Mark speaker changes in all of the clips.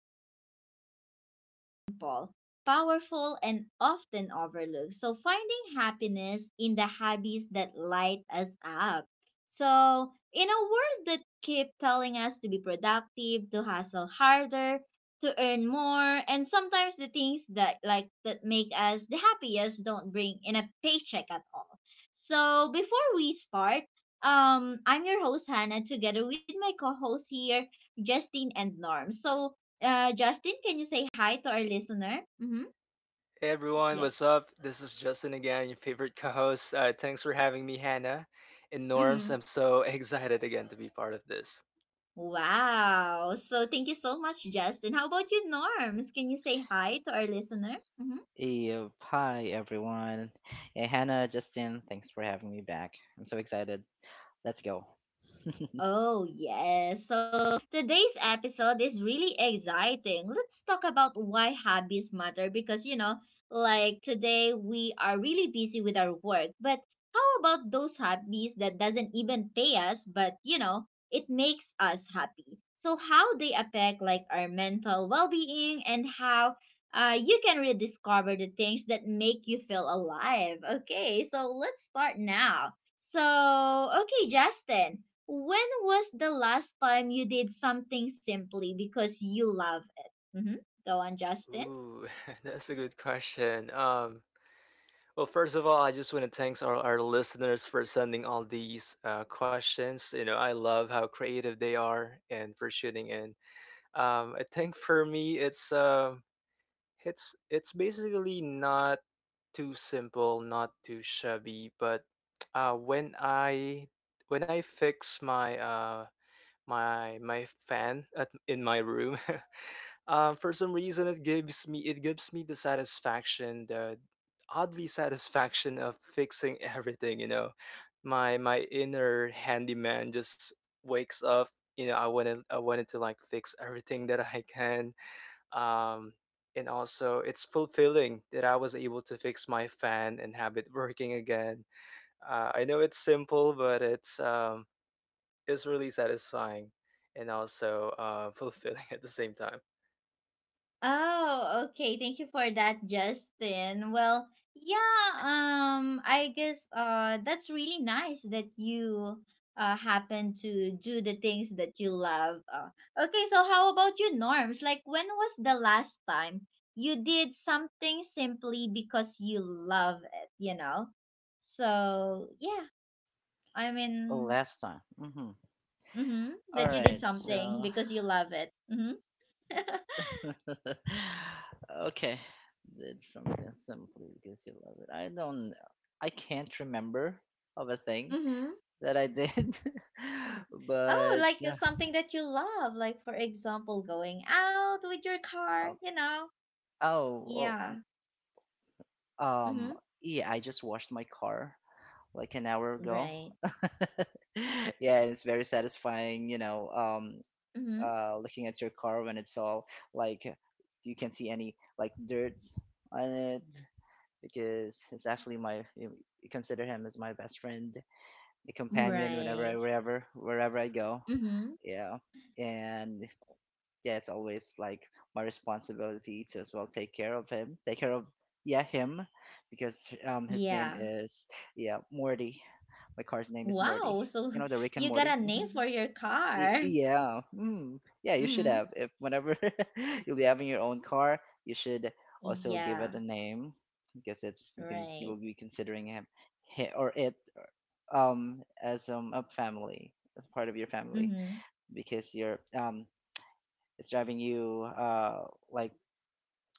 Speaker 1: all about something simple, powerful, and often overlooked. So, finding happiness in the hobbies that light us up. So, in a world that keep telling us to be productive, to hustle harder, to earn more, and sometimes the things that like that make us the happiest don't bring in a paycheck at all. So, before we start, I'm your host, Hannah, together with my co host here, Justin and Norm. So, Justin, can you say hi to our listener? Mm-hmm.
Speaker 2: Hey everyone,
Speaker 1: Yes.
Speaker 2: what's up? This is Justin again, your favorite co-host. Thanks for having me, Hannah. And Norms,
Speaker 1: Mm-hmm.
Speaker 2: I'm so excited again to be part of this.
Speaker 1: Wow. So, thank you so much, Justin. How about you, Norms? Can you say hi to our listener? Mm-hmm.
Speaker 3: Yep. Hi, everyone. Yeah, Hannah, Justin, thanks for having me back. I'm so excited. Let's go.
Speaker 1: Oh, yes. So today's episode is really exciting. Let's talk about why hobbies matter because, you know, like today we are really busy with our work. But how about those hobbies that doesn't even pay us, but, you know, it makes us happy? So how they affect like our mental well-being and how you can rediscover the things that make you feel alive. Okay, so let's start now. So, okay, Justin. When was the last time you did something simply because you love it? hmm Go on, Justin.
Speaker 2: Ooh, that's a good question. Well, first of all, I just want to thanks our listeners for sending all these questions. I love how creative they are and for shooting in. I think for me, it's basically not too simple, not too shabby, but when I fix my my fan at in my room. For some reason, it gives me the satisfaction, the oddly satisfaction of fixing everything. My inner handyman just wakes up. I wanted to like fix everything that I can. um, and also, it's fulfilling that I was able to fix my fan and have it working again. I know it's simple, but it's really satisfying and also fulfilling at the same time.
Speaker 1: Oh, okay. Thank you for that, Justin. Well, yeah, I guess that's really nice that you happen to do the things that you love. Okay, so how about you, Norms? Like when was the last time you did something simply because you love it, you know? So, yeah. I mean,
Speaker 3: Last time.
Speaker 1: mm-hmm.
Speaker 3: All
Speaker 1: That you did
Speaker 3: right,
Speaker 1: something
Speaker 3: so.
Speaker 1: because you love it. Mm-hmm.
Speaker 3: okay. Did something simply because you love it. I don't. I can't remember of a thing
Speaker 1: Mm-hmm.
Speaker 3: that I did.
Speaker 1: Oh,
Speaker 3: but.
Speaker 1: like
Speaker 3: Uh,
Speaker 1: something that you love, like for example, going out with your car,
Speaker 3: oh,
Speaker 1: you know?
Speaker 3: oh,
Speaker 1: Yeah.
Speaker 3: oh.
Speaker 1: Mm-hmm.
Speaker 3: Yeah, I just washed my car, like an hour ago.
Speaker 1: Right.
Speaker 3: Yeah, it's very satisfying,
Speaker 1: Mm-hmm.
Speaker 3: looking at your car when it's all like you can't see any like dirt on it because it's actually my you consider him as my best friend, the companion whenever I
Speaker 1: Right.
Speaker 3: wherever I go.
Speaker 1: Mm-hmm.
Speaker 3: Yeah, and yeah, it's always like my responsibility to as well take care of him, take care of yeah him because his name
Speaker 1: Yeah.
Speaker 3: is yeah Morty, my car's name is Morty.
Speaker 1: Wow. So
Speaker 3: You know the Rick and
Speaker 1: you got
Speaker 3: Morty.
Speaker 1: a name for
Speaker 3: Mhm.
Speaker 1: your car.
Speaker 3: Yeah. You should
Speaker 1: Mm-hmm.
Speaker 3: have. If whenever you'll be having your own car, you should also give it
Speaker 1: Yeah.
Speaker 3: a name because it's you can you
Speaker 1: Right.
Speaker 3: will be considering him, hi or it as a family, as part of your family
Speaker 1: Mm-hmm.
Speaker 3: because you're it's driving you like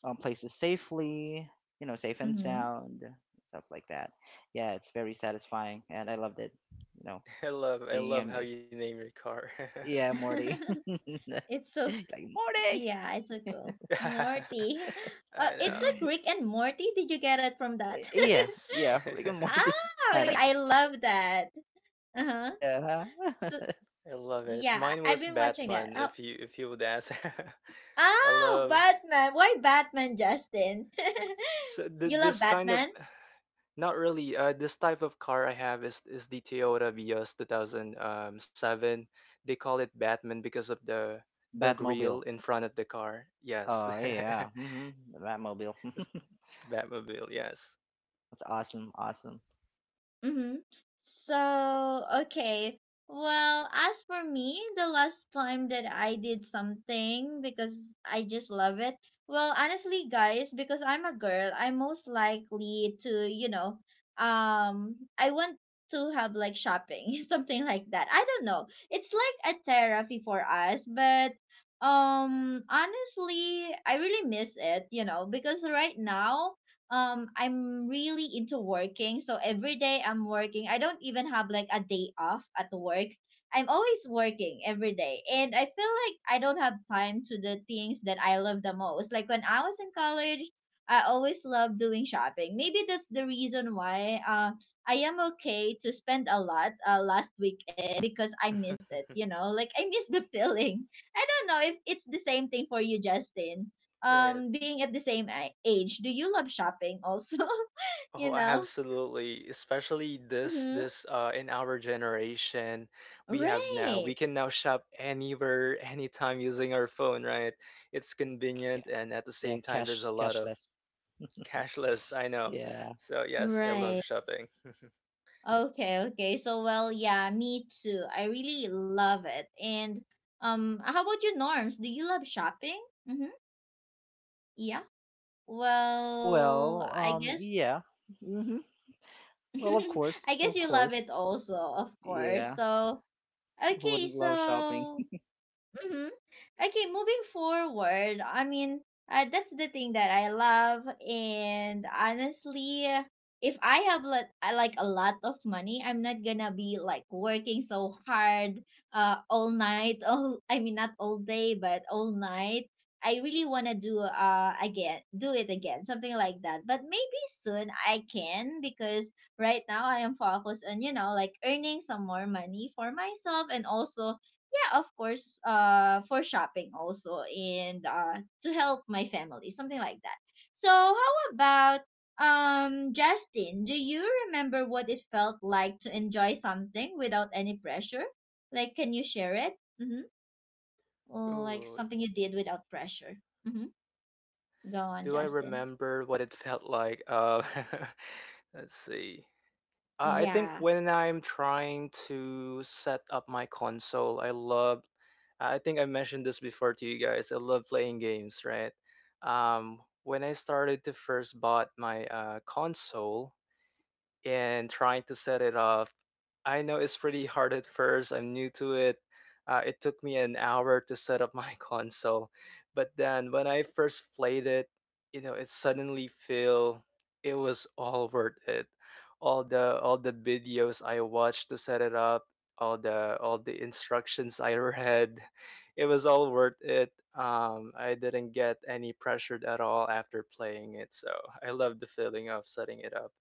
Speaker 3: places safely, you know, safe and
Speaker 1: Mm-hmm.
Speaker 3: sound, stuff like that. Yeah, it's very satisfying and I loved it, you know,
Speaker 2: I love I
Speaker 3: seeing
Speaker 2: love
Speaker 3: him.
Speaker 2: how you name your car.
Speaker 3: Yeah, Morty.
Speaker 1: It's so
Speaker 3: Like Morty.
Speaker 1: yeah, it's a cool, Morty.
Speaker 2: I
Speaker 1: It's
Speaker 2: know.
Speaker 1: like Rick and Morty. Did you get it from that?
Speaker 3: Yeah,
Speaker 2: Yes.
Speaker 3: yeah, Rick and
Speaker 1: Ah,
Speaker 3: Morty. I know.
Speaker 1: I love that. Uh huh.
Speaker 3: Yeah.
Speaker 1: So
Speaker 2: I love it.
Speaker 1: yeah,
Speaker 2: Mine was
Speaker 1: I've been watching
Speaker 2: Batman,
Speaker 1: that. Oh,
Speaker 2: if you would ask. I
Speaker 1: oh,
Speaker 2: love
Speaker 1: Batman. Why Batman, Justin?
Speaker 2: so th-
Speaker 1: You
Speaker 2: this
Speaker 1: love
Speaker 2: kind of
Speaker 1: Batman?
Speaker 2: Not really. This type of car I have is the Toyota Vios 2007. They call it Batman because of the grill
Speaker 3: Batmobile.
Speaker 2: in front of the car. Yes.
Speaker 3: Oh yeah. The Batmobile.
Speaker 2: It's Batmobile. Yes.
Speaker 3: That's awesome. Awesome.
Speaker 1: Mm-hmm. So, okay. Well, as for me, the last time that I did something because I just love it. Well, honestly, guys, because I'm a girl, I'm most likely to, you know, I want to have like shopping, something like that. I don't know. It's like a therapy for us, but honestly, I really miss it, you know, because right now I'm really into working. So every day I'm working. I don't even have like a day off at work. I'm always working every day. And I feel like I don't have time to the things that I love the most. Like when I was in college, I always loved doing shopping. Maybe that's the reason why I am okay to spend a lot last weekend because I miss it, you know? Like I miss the feeling. I don't know if it's the same thing for you, Justin,
Speaker 2: Right.
Speaker 1: being at the same age, do you love shopping also? You
Speaker 2: Oh,
Speaker 1: know.
Speaker 2: absolutely. Especially this
Speaker 1: Mm-hmm.
Speaker 2: this uh in our generation, we have now we
Speaker 1: Right.
Speaker 2: can now shop anywhere, anytime using our phone. Right? It's convenient,
Speaker 3: Yeah.
Speaker 2: and at the
Speaker 3: Yeah.
Speaker 2: same time, there's
Speaker 3: Cash.
Speaker 2: a lot of.
Speaker 3: Cashless.
Speaker 2: Cashless, I know.
Speaker 3: Yeah.
Speaker 2: So yes, I love
Speaker 1: Right,
Speaker 2: shopping.
Speaker 1: okay, okay, so well yeah, me too, I really love it. And how about you, Norms? Do you love shopping? Mm-hmm. Yeah, well,
Speaker 3: Well.
Speaker 1: I guess
Speaker 3: Yeah. hmm Well, of
Speaker 1: I
Speaker 3: course.
Speaker 1: guess
Speaker 3: Of
Speaker 1: you love
Speaker 3: course.
Speaker 1: it also, of course.
Speaker 3: Yeah.
Speaker 1: So
Speaker 3: Who
Speaker 1: okay,
Speaker 3: wouldn't love shopping?
Speaker 1: so mm-hmm. Okay, moving forward, I mean, that's the thing that I love. And honestly, if I have let, I like a lot of money, I'm not gonna be like working so hard all night. All, I mean, not all day, but all night. I really wanna do again, do it again, something like that. But maybe soon I can because right now I am focused on you know like earning some more money for myself and also yeah, of course, for shopping also and to help my family, something like that. So, how about Justin? Do you remember what it felt like to enjoy something without any pressure? Like, can you share it? Mm-hmm. Like
Speaker 2: Ooh,
Speaker 1: something you did without pressure. Mm-hmm. Go
Speaker 2: do I
Speaker 1: on, Justin.
Speaker 2: remember what it felt like? Let's see. I think
Speaker 1: Yeah.
Speaker 2: when I'm trying to set up my console, I love. I think I mentioned this before to you guys. I love playing games, right? When I started to first bought my console, and trying to set it up. I know it's pretty hard at first. I'm new to it. It took me an hour to set up my console, but then when I first played it, it suddenly feel it was all worth it. All the videos I watched to set it up, all the instructions I read, it was all worth it. I didn't get any pressured at all after playing it, so I love the feeling of setting it up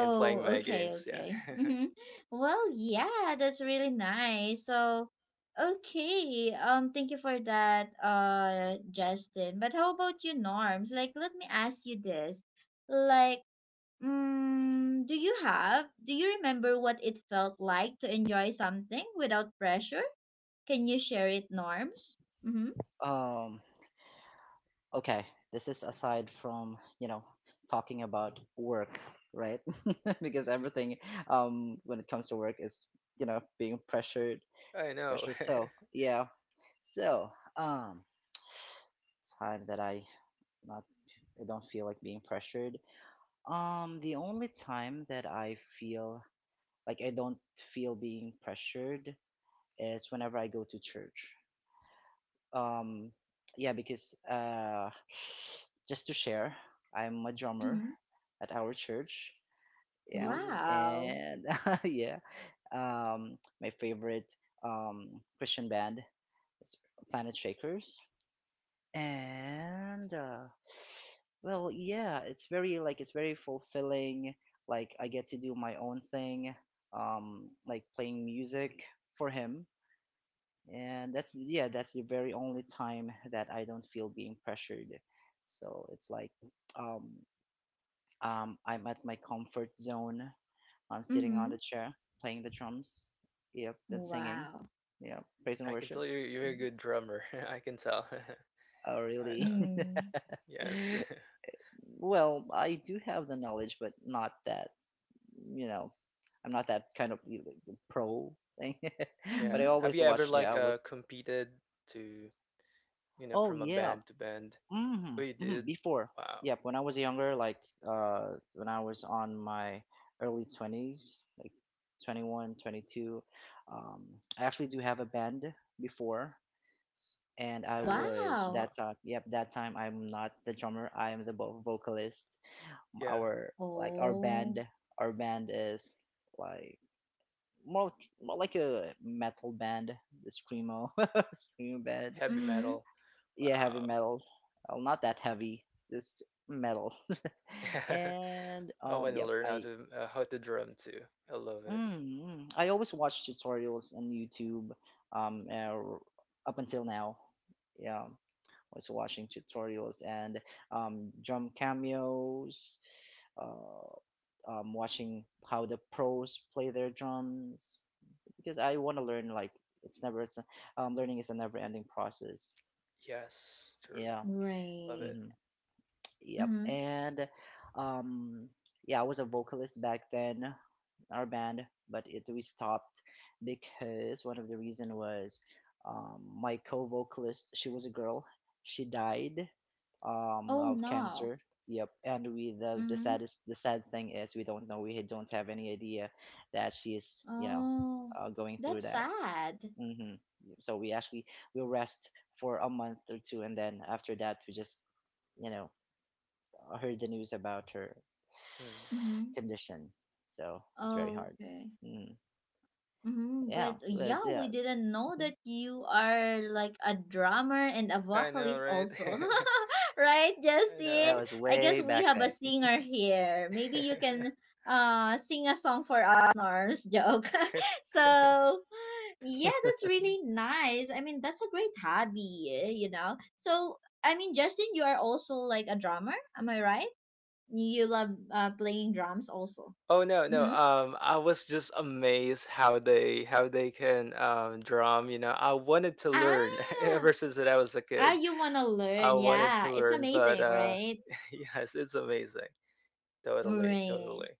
Speaker 2: and playing my
Speaker 1: okay,
Speaker 2: games. Yeah,
Speaker 1: okay. Well, yeah, that's really nice. So, okay, thank you for that, Justin. But how about you, Norms? Like, let me ask you this. Like, do you have, do you remember what it felt like to enjoy something without pressure? Can you share it, Norms? Mm-hmm.
Speaker 3: Um. Okay, this is aside from, you know, talking about work, right? Because everything when it comes to work is, you know, being pressured,
Speaker 2: I know.
Speaker 3: pressured. So, yeah. So, um time that I not I don't feel like being pressured. The only time that I feel like I don't feel being pressured is whenever I go to church. um yeah, because just to share, I'm a drummer
Speaker 1: Mm-hmm.
Speaker 3: at our church, yeah.
Speaker 2: Ooh,
Speaker 1: Wow.
Speaker 3: And yeah, my favorite Christian band is Planet Shakers. And well, yeah, it's very like it's very fulfilling, like I get to do my own thing, like playing music for him. And that's yeah that's the very only time that I don't feel being pressured. So it's like um, I'm at my comfort zone, I'm sitting on
Speaker 1: Mm-hmm.
Speaker 3: the chair, playing the drums, yep, and singing,
Speaker 1: Wow.
Speaker 3: yeah, praise and
Speaker 2: I can
Speaker 3: worship.
Speaker 2: tell, you you're
Speaker 3: Mm,
Speaker 2: a good drummer. I can tell.
Speaker 3: oh
Speaker 2: I
Speaker 3: really?
Speaker 2: know.
Speaker 1: Mm.
Speaker 2: Yes.
Speaker 3: Well, I do have the knowledge, but not that, you know, I'm not that kind of, you know, the pro thing. But I
Speaker 2: Yeah.
Speaker 1: Mm-hmm.
Speaker 2: Have
Speaker 3: always
Speaker 2: you ever
Speaker 3: watch, yeah, I
Speaker 2: like
Speaker 3: always.
Speaker 2: competed to,
Speaker 3: Oh
Speaker 2: from a
Speaker 3: yeah.
Speaker 2: band to band? Oh, you did.
Speaker 3: Before,
Speaker 2: Wow.
Speaker 3: yep. When I was younger, like when I was on my early 20s, like 21, 22. um, I actually do have a band before, and I was
Speaker 2: Nice.
Speaker 1: Wow.
Speaker 2: Wow.
Speaker 3: that time. Yep, that time I'm not the drummer. I am the vocalist.
Speaker 2: Yeah.
Speaker 3: Our Like
Speaker 1: Oh,
Speaker 3: our band is like more more like a metal band, the screamo screamo band.
Speaker 2: Heavy
Speaker 1: mm-hmm.
Speaker 2: metal.
Speaker 3: Yeah, heavy
Speaker 2: Wow.
Speaker 3: metal. Well, not that heavy, just metal. And
Speaker 2: I want to
Speaker 3: yep
Speaker 2: learn how
Speaker 3: I
Speaker 2: to uh, how to drum too. I love it.
Speaker 3: mm. I always watch tutorials on YouTube, um uh, up until now. Yeah, was watching tutorials and drum cameos, uh watching how the pros play their drums, because I want to learn, like, it's never learning is a never ending process.
Speaker 2: Yes. True.
Speaker 3: Yeah.
Speaker 2: Love
Speaker 1: Right.
Speaker 2: it.
Speaker 3: hmm yep.
Speaker 1: Mm-hmm.
Speaker 3: And um yeah, I was a vocalist back then, our band, but it we stopped because one of the reason was, my co-vocalist, she was a girl, she died
Speaker 1: Oh
Speaker 3: of
Speaker 1: no.
Speaker 3: cancer. Yep, and we the
Speaker 1: Mm-hmm.
Speaker 3: saddest the sad thing is we don't know, we don't have any idea that she is, you know,
Speaker 1: Oh,
Speaker 3: going through
Speaker 1: that's
Speaker 3: that.
Speaker 1: sad.
Speaker 3: hmm So we actually, we rest for a month or two, and then after that we just, you know, heard the news about her
Speaker 2: Hmm.
Speaker 1: Mm-hmm.
Speaker 3: condition. So it's very hard.
Speaker 1: Okay.
Speaker 3: Mm.
Speaker 1: Mm-hmm.
Speaker 3: Yeah,
Speaker 1: But
Speaker 3: but
Speaker 1: yeah,
Speaker 3: yeah,
Speaker 1: we didn't know
Speaker 3: mhm.
Speaker 1: that you are like a drummer and a
Speaker 2: I know,
Speaker 1: vocalist
Speaker 2: right?
Speaker 1: also. Right,
Speaker 2: I
Speaker 3: That
Speaker 1: Justin?
Speaker 2: know.
Speaker 3: was
Speaker 1: I guess
Speaker 3: way
Speaker 1: we
Speaker 3: back
Speaker 1: have a
Speaker 3: then.
Speaker 1: singer here. Maybe you can sing a song for us, Norms joke. So, yeah, that's really nice. I mean, that's a great hobby, eh, you know. So, I mean, Justin, you are also like a drummer, am I right? You love playing drums also.
Speaker 2: Oh, no, no.
Speaker 1: Mm-hmm.
Speaker 2: I was just amazed how they can drum. I wanted to learn ever
Speaker 1: Ah,
Speaker 2: since that I was a
Speaker 1: ah,
Speaker 2: kid.
Speaker 1: you wanna
Speaker 2: I
Speaker 1: learn?
Speaker 2: wanted to
Speaker 1: Yeah, it's
Speaker 2: learn, but
Speaker 1: amazing, right?
Speaker 2: yes, it's amazing. Totally,
Speaker 1: Right.
Speaker 2: totally.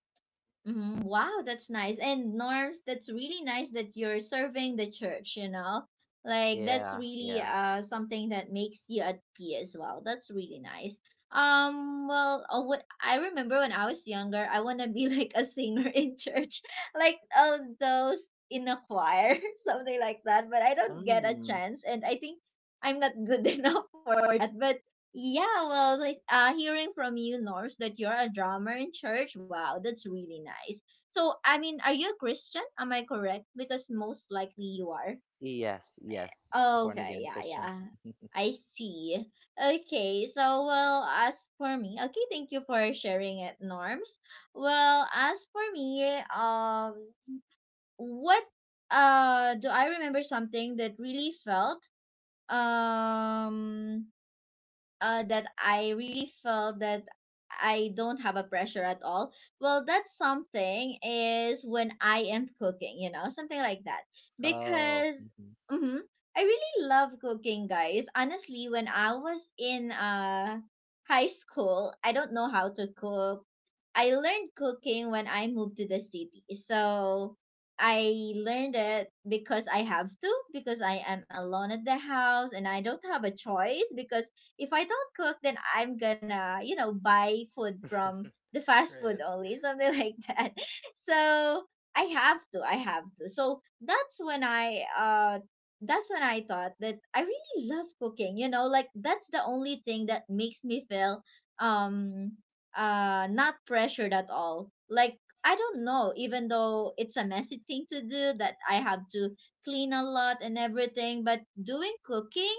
Speaker 1: Wow, that's nice. And Norms, that's really nice that you're serving the church, you know? Like that's
Speaker 3: Yeah,
Speaker 1: really
Speaker 3: yeah.
Speaker 1: something that makes you at peace as well. That's really nice. Um, well, what I remember when I was younger, I want to be like a singer in church. Like those in a choir, something like that, but I don't get a
Speaker 3: Mm,
Speaker 1: chance and I think I'm not good enough for that. Yeah, well, like hearing from you, Norse, that you're a drummer in church, wow, that's really nice. So, I mean, are you a Christian? Am I correct? Because most likely you are.
Speaker 3: yes, yes. Born
Speaker 1: Okay,
Speaker 3: again
Speaker 1: yeah,
Speaker 3: Christian.
Speaker 1: yeah. I see. Okay, so, well, as for me, okay, thank you for sharing it, Norms. Well, as for me, what do I remember something that really felt um that I really felt that I don't have a pressure at all. Well, that's something is when I am cooking, you know, something like that.
Speaker 3: Oh,
Speaker 1: Because
Speaker 3: mhm.
Speaker 1: mm-hmm, I really love cooking, guys. Honestly, when I was in high school, I don't know how to cook. I learned cooking when I moved to the city. So I learned it because I have to, because I am alone at the house and I don't have a choice because if I don't cook, then I'm gonna, you know, buy food from the fast food
Speaker 2: Right.
Speaker 1: only, something like that. So I have to. So that's when I thought that I really love cooking, you know, like that's the only thing that makes me feel um not pressured at all. Like I don't know, even though it's a messy thing to do that I have to clean a lot and everything, but doing cooking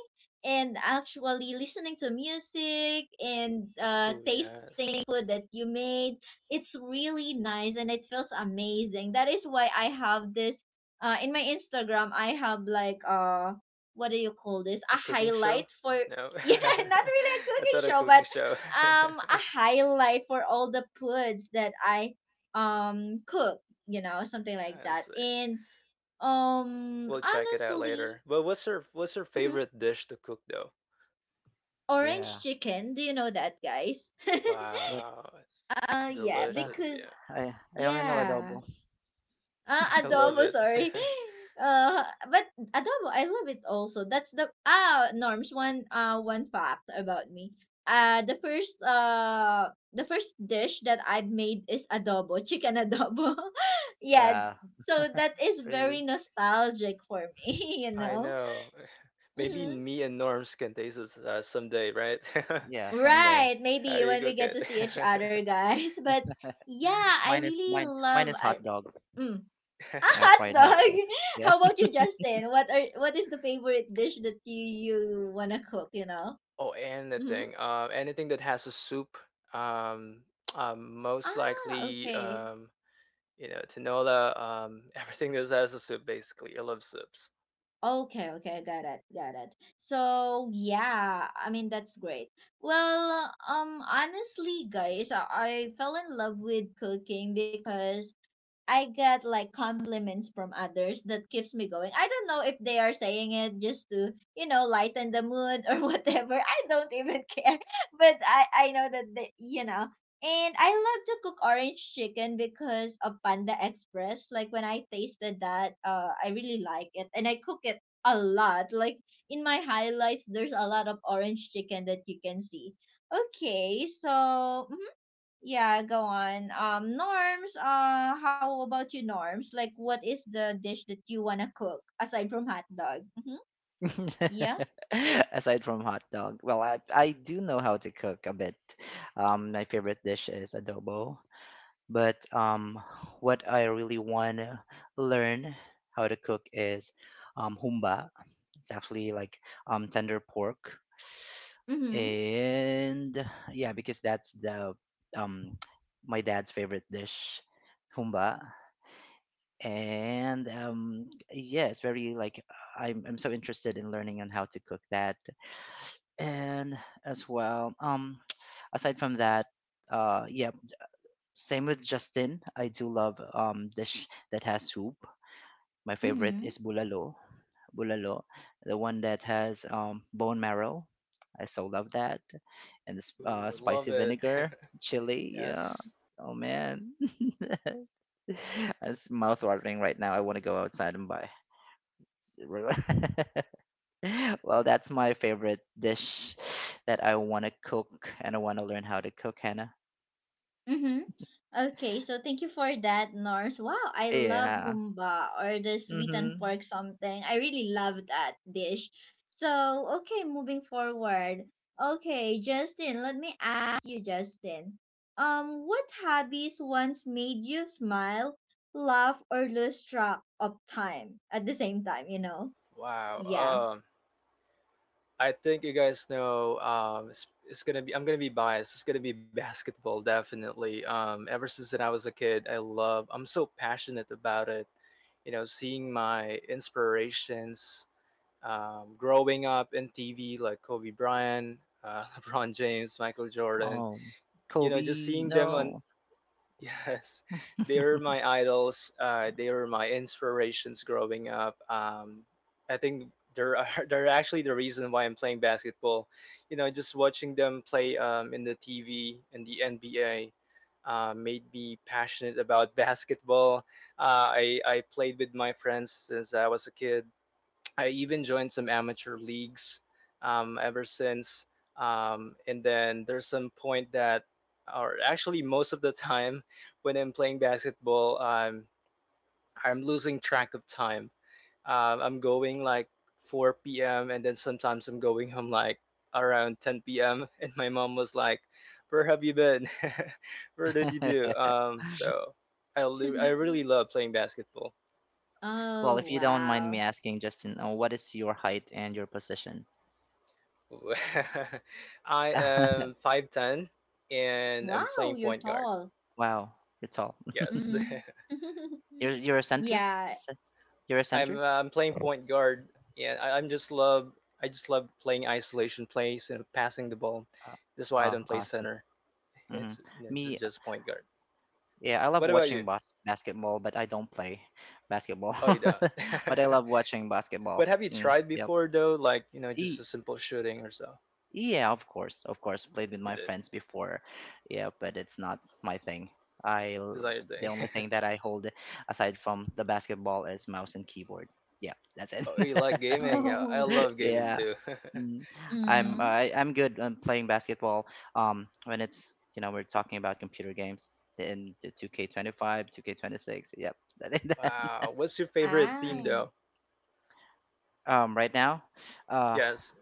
Speaker 1: and actually listening to music and
Speaker 2: Oh
Speaker 1: tasting
Speaker 2: yes,
Speaker 1: food that you made. It's really nice and it feels amazing. That is why I have this in my Instagram. I have like what do you call this?
Speaker 2: a
Speaker 1: A
Speaker 2: cooking show?
Speaker 1: highlight for
Speaker 2: No,
Speaker 1: yeah, not really a
Speaker 2: I
Speaker 1: cooking
Speaker 2: thought a
Speaker 1: show,
Speaker 2: cooking
Speaker 1: but
Speaker 2: show.
Speaker 1: a highlight for all the foods that I cook. You know, something like
Speaker 2: I
Speaker 1: that.
Speaker 2: see.
Speaker 1: And
Speaker 2: We'll check it out
Speaker 1: honestly.
Speaker 2: later. But what's her
Speaker 1: Mhm.
Speaker 2: favorite dish to cook though?
Speaker 1: Orange
Speaker 3: Yeah.
Speaker 1: Chicken. Do you know that, guys?
Speaker 3: What?
Speaker 2: Wow.
Speaker 1: Yeah,
Speaker 3: Uh,
Speaker 2: Delicious,
Speaker 1: because
Speaker 2: yeah.
Speaker 3: I I only know
Speaker 1: yeah,
Speaker 3: adobo.
Speaker 2: I love
Speaker 1: adobo.
Speaker 2: it.
Speaker 1: Sorry, uh, but adobo. I love it also. That's the ah norms. One fact about me. The first dish that I've made is adobo, chicken adobo. Yeah,
Speaker 3: Wow,
Speaker 1: so that is very
Speaker 3: really?
Speaker 1: nostalgic for me. You
Speaker 2: I
Speaker 1: know.
Speaker 2: know. Maybe
Speaker 3: Mhm.
Speaker 1: Mhm.
Speaker 2: me and Norms can taste this someday, right?
Speaker 3: Yeah, someday.
Speaker 1: Right,
Speaker 2: How
Speaker 1: maybe
Speaker 2: do you
Speaker 1: when we
Speaker 2: cook
Speaker 1: get to
Speaker 2: it?
Speaker 1: see each other, guys. But yeah, I
Speaker 3: Mine is
Speaker 1: really
Speaker 3: mine.
Speaker 1: love
Speaker 3: Mine is hot dog.
Speaker 1: mm, a
Speaker 3: Yeah,
Speaker 1: hot
Speaker 3: fried hot
Speaker 1: dog.
Speaker 2: Right.
Speaker 3: dog. Yeah.
Speaker 1: How about you, Justin? What is the favorite dish that you wanna cook? You know.
Speaker 2: Oh,
Speaker 1: Mm-hmm.
Speaker 2: anything. Anything that has a soup. Um, most
Speaker 1: Ah,
Speaker 2: likely,
Speaker 1: okay.
Speaker 2: tinola. Everything that has a soup, basically. I love soups.
Speaker 1: Okay, got it. So yeah, I mean that's great. Well, honestly, guys, I fell in love with cooking because I get like compliments from others that keeps me going. I don't know if they are saying it just to, you know, lighten the mood or whatever. I don't even care. But I know that they, you know. And I love to cook orange chicken because of Panda Express. Like when I tasted that, I really like it and I cook it a lot. Like in my highlights there's a lot of orange chicken that you can see. Okay, so hmm, yeah, go on. Norms, how about you, Norms? Like, what is the dish that you wanna cook aside from hot dog? Mm-hmm. Yeah.
Speaker 3: Aside from hot dog, well, I do know how to cook a bit. My favorite dish is adobo. But what I really want to learn how to cook is, humba. It's actually like, tender pork.
Speaker 1: Mm-hmm.
Speaker 3: And yeah, because that's the, um, my dad's favorite dish, humba. And yeah, it's very like I'm so interested in learning on how to cook that. And as well, aside from that, yeah, same with Justin. I do love dish that has soup. My favorite
Speaker 1: Mm-hmm.
Speaker 3: is bulalo. Bulalo, the one that has bone marrow. I so love that. And this
Speaker 2: Ooh, I love
Speaker 3: spicy
Speaker 2: it.
Speaker 3: vinegar, chili. Yeah.
Speaker 2: Yes.
Speaker 3: Oh man, it's mouth watering right now. I want to go outside and buy. Well, that's my favorite dish that I want to cook and I want to learn how to cook, Hannah.
Speaker 1: Mm-hmm. Okay, so thank you for that, Norse. Wow, I love
Speaker 3: Yeah.
Speaker 1: humba or the sweet and
Speaker 3: Mhm.
Speaker 1: pork something. I really love that dish. So, okay, moving forward. Okay, Justin, let me ask you, Justin. What hobbies once made you smile, laugh, or lose track of time at the same time, you know?
Speaker 2: Wow.
Speaker 1: Yeah.
Speaker 2: I think you guys know, it's gonna be I'm gonna be biased. It's gonna be basketball, definitely. Ever since that I was a kid, I love. I'm so passionate about it. Seeing my inspirations growing up in TV, like Kobe Bryant, LeBron James, Michael Jordan.
Speaker 3: Um,
Speaker 2: Just
Speaker 3: Kobe,
Speaker 2: seeing them on.
Speaker 3: no.
Speaker 2: Yes, they were my idols. They were my inspirations growing up. I think they're they're actually the reason why I'm playing basketball. Just watching them play, in the TV and the NBA, made me passionate about basketball. I played with my friends since I was a kid. I even joined some amateur leagues, ever since. And then there's some point that, or actually most of the time, when I'm playing basketball, I'm losing track of time. I'm going like 4 p.m. and then sometimes I'm going home like around 10 p.m. And my mom was like, "Where have you been? Where did you do?" So I really love playing basketball.
Speaker 3: Well,
Speaker 1: Oh,
Speaker 3: if you don't mind me
Speaker 1: wow.
Speaker 3: asking, Justin, what is your height and your position?
Speaker 2: I am 5'10 and I'm playing
Speaker 1: Wow, you're
Speaker 2: point guard.
Speaker 1: tall.
Speaker 3: Wow, you're tall.
Speaker 2: Yes.
Speaker 1: Mm-hmm.
Speaker 3: You're a center.
Speaker 1: Yeah.
Speaker 3: Ce- You're a
Speaker 2: I'm
Speaker 3: center.
Speaker 2: uh, I'm playing point guard, and I just love playing isolation plays and passing the ball.
Speaker 3: Uh,
Speaker 2: That's why I
Speaker 3: oh,
Speaker 2: don't play
Speaker 3: awesome.
Speaker 2: center.
Speaker 3: hmm
Speaker 2: It's, you know, just,
Speaker 3: Me,
Speaker 2: just point guard.
Speaker 3: yeah, I love
Speaker 2: What about
Speaker 3: watching
Speaker 2: you?
Speaker 3: basketball, but I don't play basketball.
Speaker 2: Oh, you don't.
Speaker 3: But I love watching basketball.
Speaker 2: But have you tried
Speaker 3: Yep.
Speaker 2: before though? Like, just a
Speaker 3: E-
Speaker 2: simple shooting or so.
Speaker 3: Yeah, of course, of course. Played with
Speaker 2: You
Speaker 3: my
Speaker 2: did.
Speaker 3: friends before. Yeah, but it's not my thing. I
Speaker 2: Is
Speaker 3: l-
Speaker 2: that your
Speaker 3: the
Speaker 2: thing?
Speaker 3: only thing that I hold aside from the basketball is mouse and keyboard. Yeah, that's it.
Speaker 2: Oh, you like gaming? I
Speaker 1: Oh.
Speaker 2: love gaming
Speaker 3: Yeah,
Speaker 2: too.
Speaker 3: mm.
Speaker 2: Wow.
Speaker 1: Mhm.
Speaker 3: I'm good on playing basketball. When it's, you know, we're talking about computer games, in the 2K25, 2K26. Yep, that is that.
Speaker 2: Wow. What's your favorite theme
Speaker 1: Ah.
Speaker 2: though?
Speaker 3: Right now, uh,
Speaker 2: Yes.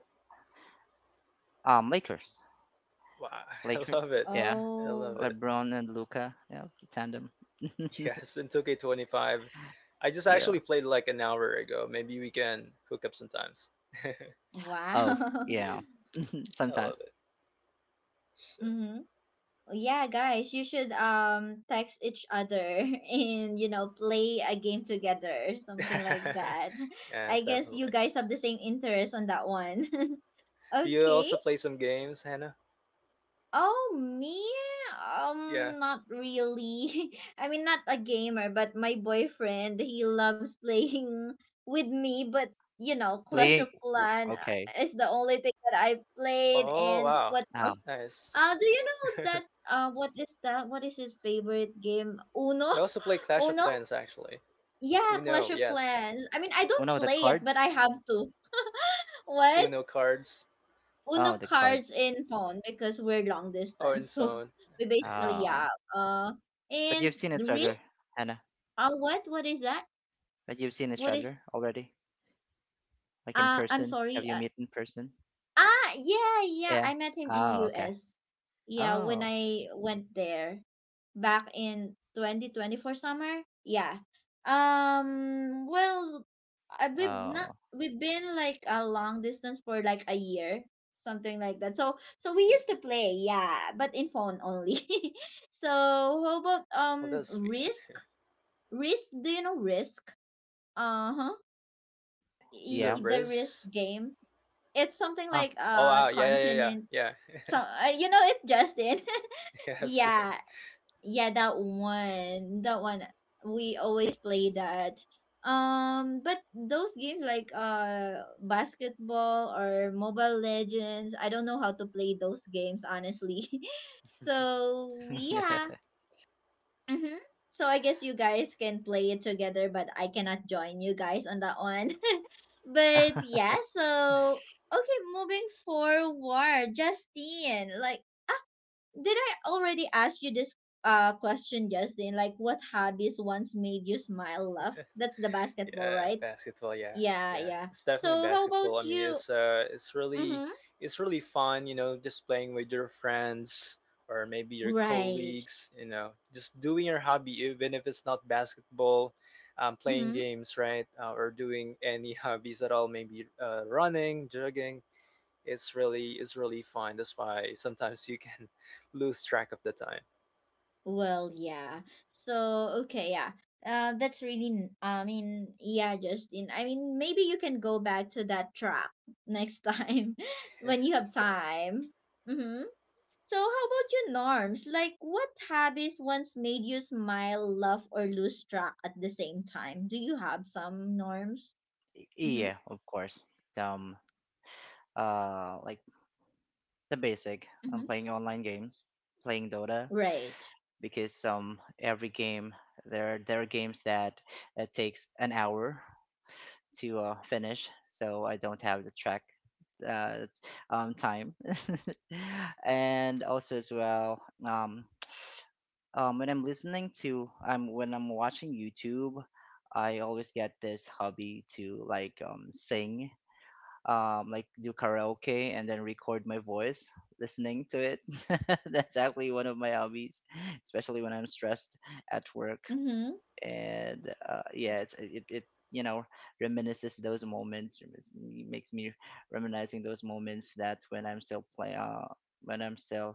Speaker 3: Lakers,
Speaker 2: Wow, I
Speaker 3: Lakers.
Speaker 2: love it.
Speaker 3: Yeah,
Speaker 2: I
Speaker 1: Oh.
Speaker 2: love it.
Speaker 3: LeBron and Luca. Yeah, tandem.
Speaker 2: Yes, and 2K25. I just actually
Speaker 3: Yeah.
Speaker 2: played like an hour ago. Maybe we can hook up sometimes. I
Speaker 3: Oh,
Speaker 1: Wow.
Speaker 3: yeah.
Speaker 2: love
Speaker 3: Sometimes
Speaker 2: it.
Speaker 1: Mhm. Yeah, guys, you should text each other and play a game together, something like
Speaker 2: Sure.
Speaker 1: that. I
Speaker 2: Yes,
Speaker 1: guess you
Speaker 2: definitely.
Speaker 1: guys have the same interest on that one.
Speaker 2: Do you
Speaker 1: Okay.
Speaker 2: also play some games, Hannah?
Speaker 1: Oh, me?
Speaker 2: Yeah.
Speaker 1: Not really. I mean, not a gamer, but my boyfriend, he loves playing with me, but Clash
Speaker 3: playing.
Speaker 1: of Clan
Speaker 3: Okay.
Speaker 1: is the only thing that I played,
Speaker 2: Oh,
Speaker 1: and
Speaker 2: wow.
Speaker 1: what
Speaker 3: Oh,
Speaker 1: else?
Speaker 2: Nice.
Speaker 1: Do you know that, what is that? What is his favorite game? Uno?
Speaker 2: I also play Clash of
Speaker 1: Uno?
Speaker 2: Clans actually.
Speaker 1: Yeah,
Speaker 2: Uno,
Speaker 1: Clash of
Speaker 2: yes.
Speaker 1: Clans. I mean, I
Speaker 3: oh
Speaker 1: don't
Speaker 3: no, the
Speaker 1: play it, but
Speaker 3: cards.
Speaker 1: I have to. What?
Speaker 2: Uno cards
Speaker 1: Uno
Speaker 3: Oh, the
Speaker 1: cards
Speaker 3: cards.
Speaker 1: in phone because we're long
Speaker 2: or in
Speaker 1: distance. So
Speaker 2: phone.
Speaker 1: we basically,
Speaker 3: Oh,
Speaker 1: yeah. Uh
Speaker 3: but you've
Speaker 1: and
Speaker 3: seen each
Speaker 1: the
Speaker 3: other,
Speaker 1: risk,
Speaker 3: Hannah.
Speaker 1: what is that?
Speaker 3: But you've seen each
Speaker 1: What is
Speaker 3: other already, like in
Speaker 1: I'm
Speaker 3: person.
Speaker 1: sorry.
Speaker 3: Have you met in person?
Speaker 1: Yeah, yeah,
Speaker 3: Yeah.
Speaker 1: I met him in
Speaker 3: Oh, okay.
Speaker 1: US. Yeah, when
Speaker 3: Oh,
Speaker 1: I went there back in 2024 summer. Yeah. Well, I, we've not
Speaker 3: oh,
Speaker 1: we've been like a long distance for like a year, something like that. So we used to play, yeah, but in phone only. So how about
Speaker 2: Oh, that's sweet.
Speaker 1: Risk? Risk, do you know Risk? Uh-huh.
Speaker 2: Is it
Speaker 3: yeah.
Speaker 1: The Risk
Speaker 2: Riz?
Speaker 1: game. It's something like
Speaker 3: Oh,
Speaker 2: Oh, wow. Yeah, yeah,
Speaker 1: continent,
Speaker 2: yeah, yeah.
Speaker 1: so, you know it, Justin.
Speaker 2: Yes.
Speaker 1: Yeah, yeah, that one. That one. We always play that. But those games like basketball or Mobile Legends, I don't know how to play those games honestly. So yeah. Mm-hmm. So I guess you guys can play it together, but I cannot join you guys on that one. But yeah, so okay, moving forward, Justine, like, did I already ask you this question, Justin? Like, what hobbies once made you smile, laugh? That's the basketball,
Speaker 2: Yeah,
Speaker 1: right?
Speaker 2: basketball. Yeah,
Speaker 1: Yeah,
Speaker 2: yeah.
Speaker 1: yeah.
Speaker 2: It's
Speaker 1: So
Speaker 2: definitely
Speaker 1: how about
Speaker 2: basketball. I mean,
Speaker 1: you?
Speaker 2: it's really,
Speaker 1: Mm-hmm.
Speaker 2: it's really fun. Just playing with your friends or maybe your
Speaker 1: Right.
Speaker 2: colleagues. Just doing your hobby, even if it's not basketball, playing
Speaker 1: Mm-hmm.
Speaker 2: games, right? Or doing any hobbies at all. Maybe running, jogging. It's really fun. That's why sometimes you can lose track of the time.
Speaker 1: Well, yeah. So okay, yeah. That's really. I mean, yeah, Justin. I mean, maybe you can go back to that track next time when you have
Speaker 2: Yes, yes.
Speaker 1: time. Mm-hmm. So how about your Norms? Like, what habits once made you smile, laugh, or lose track at the same time? Do you have some Norms? Mm-hmm.
Speaker 3: yeah. Of course. Um, like the basic.
Speaker 1: Mm-hmm.
Speaker 3: I'm playing online games, playing Dota,
Speaker 1: Right.
Speaker 3: because every game there are games that it takes an hour to finish, so I don't have the track uh time. And also as well, when I'm listening to, I'm when I'm watching YouTube, I always get this hobby to like, sing, like do karaoke and then record my voice listening to it. That's actually one of my hobbies, especially when I'm stressed at work.
Speaker 1: Mm-hmm.
Speaker 3: And yeah, it, you know, reminisces those moments. Makes me reminiscing those moments that when I'm still play when I'm still,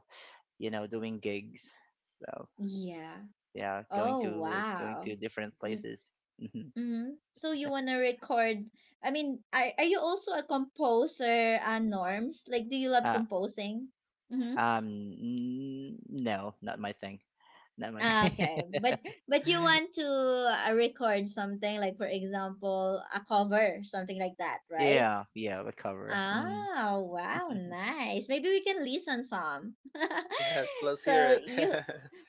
Speaker 3: you know, doing gigs. So
Speaker 1: Yeah.
Speaker 3: yeah,
Speaker 1: Oh,
Speaker 3: going
Speaker 1: wow.
Speaker 3: to different places. Mhm.
Speaker 1: Mm-hmm. So you wanna record, I mean, are you also a composer, Norms? Like, do you love
Speaker 3: Uh,
Speaker 1: composing? Mm-hmm.
Speaker 3: um, no, not my thing. Not my
Speaker 1: Ah,
Speaker 3: thing.
Speaker 1: okay. But you want to, record something, like for example a cover, something like that, right?
Speaker 3: Yeah, yeah, we cover. Mm.
Speaker 1: Oh, wow, nice. Maybe we can listen some.
Speaker 2: Yes, let's hear
Speaker 1: so
Speaker 2: it.
Speaker 1: you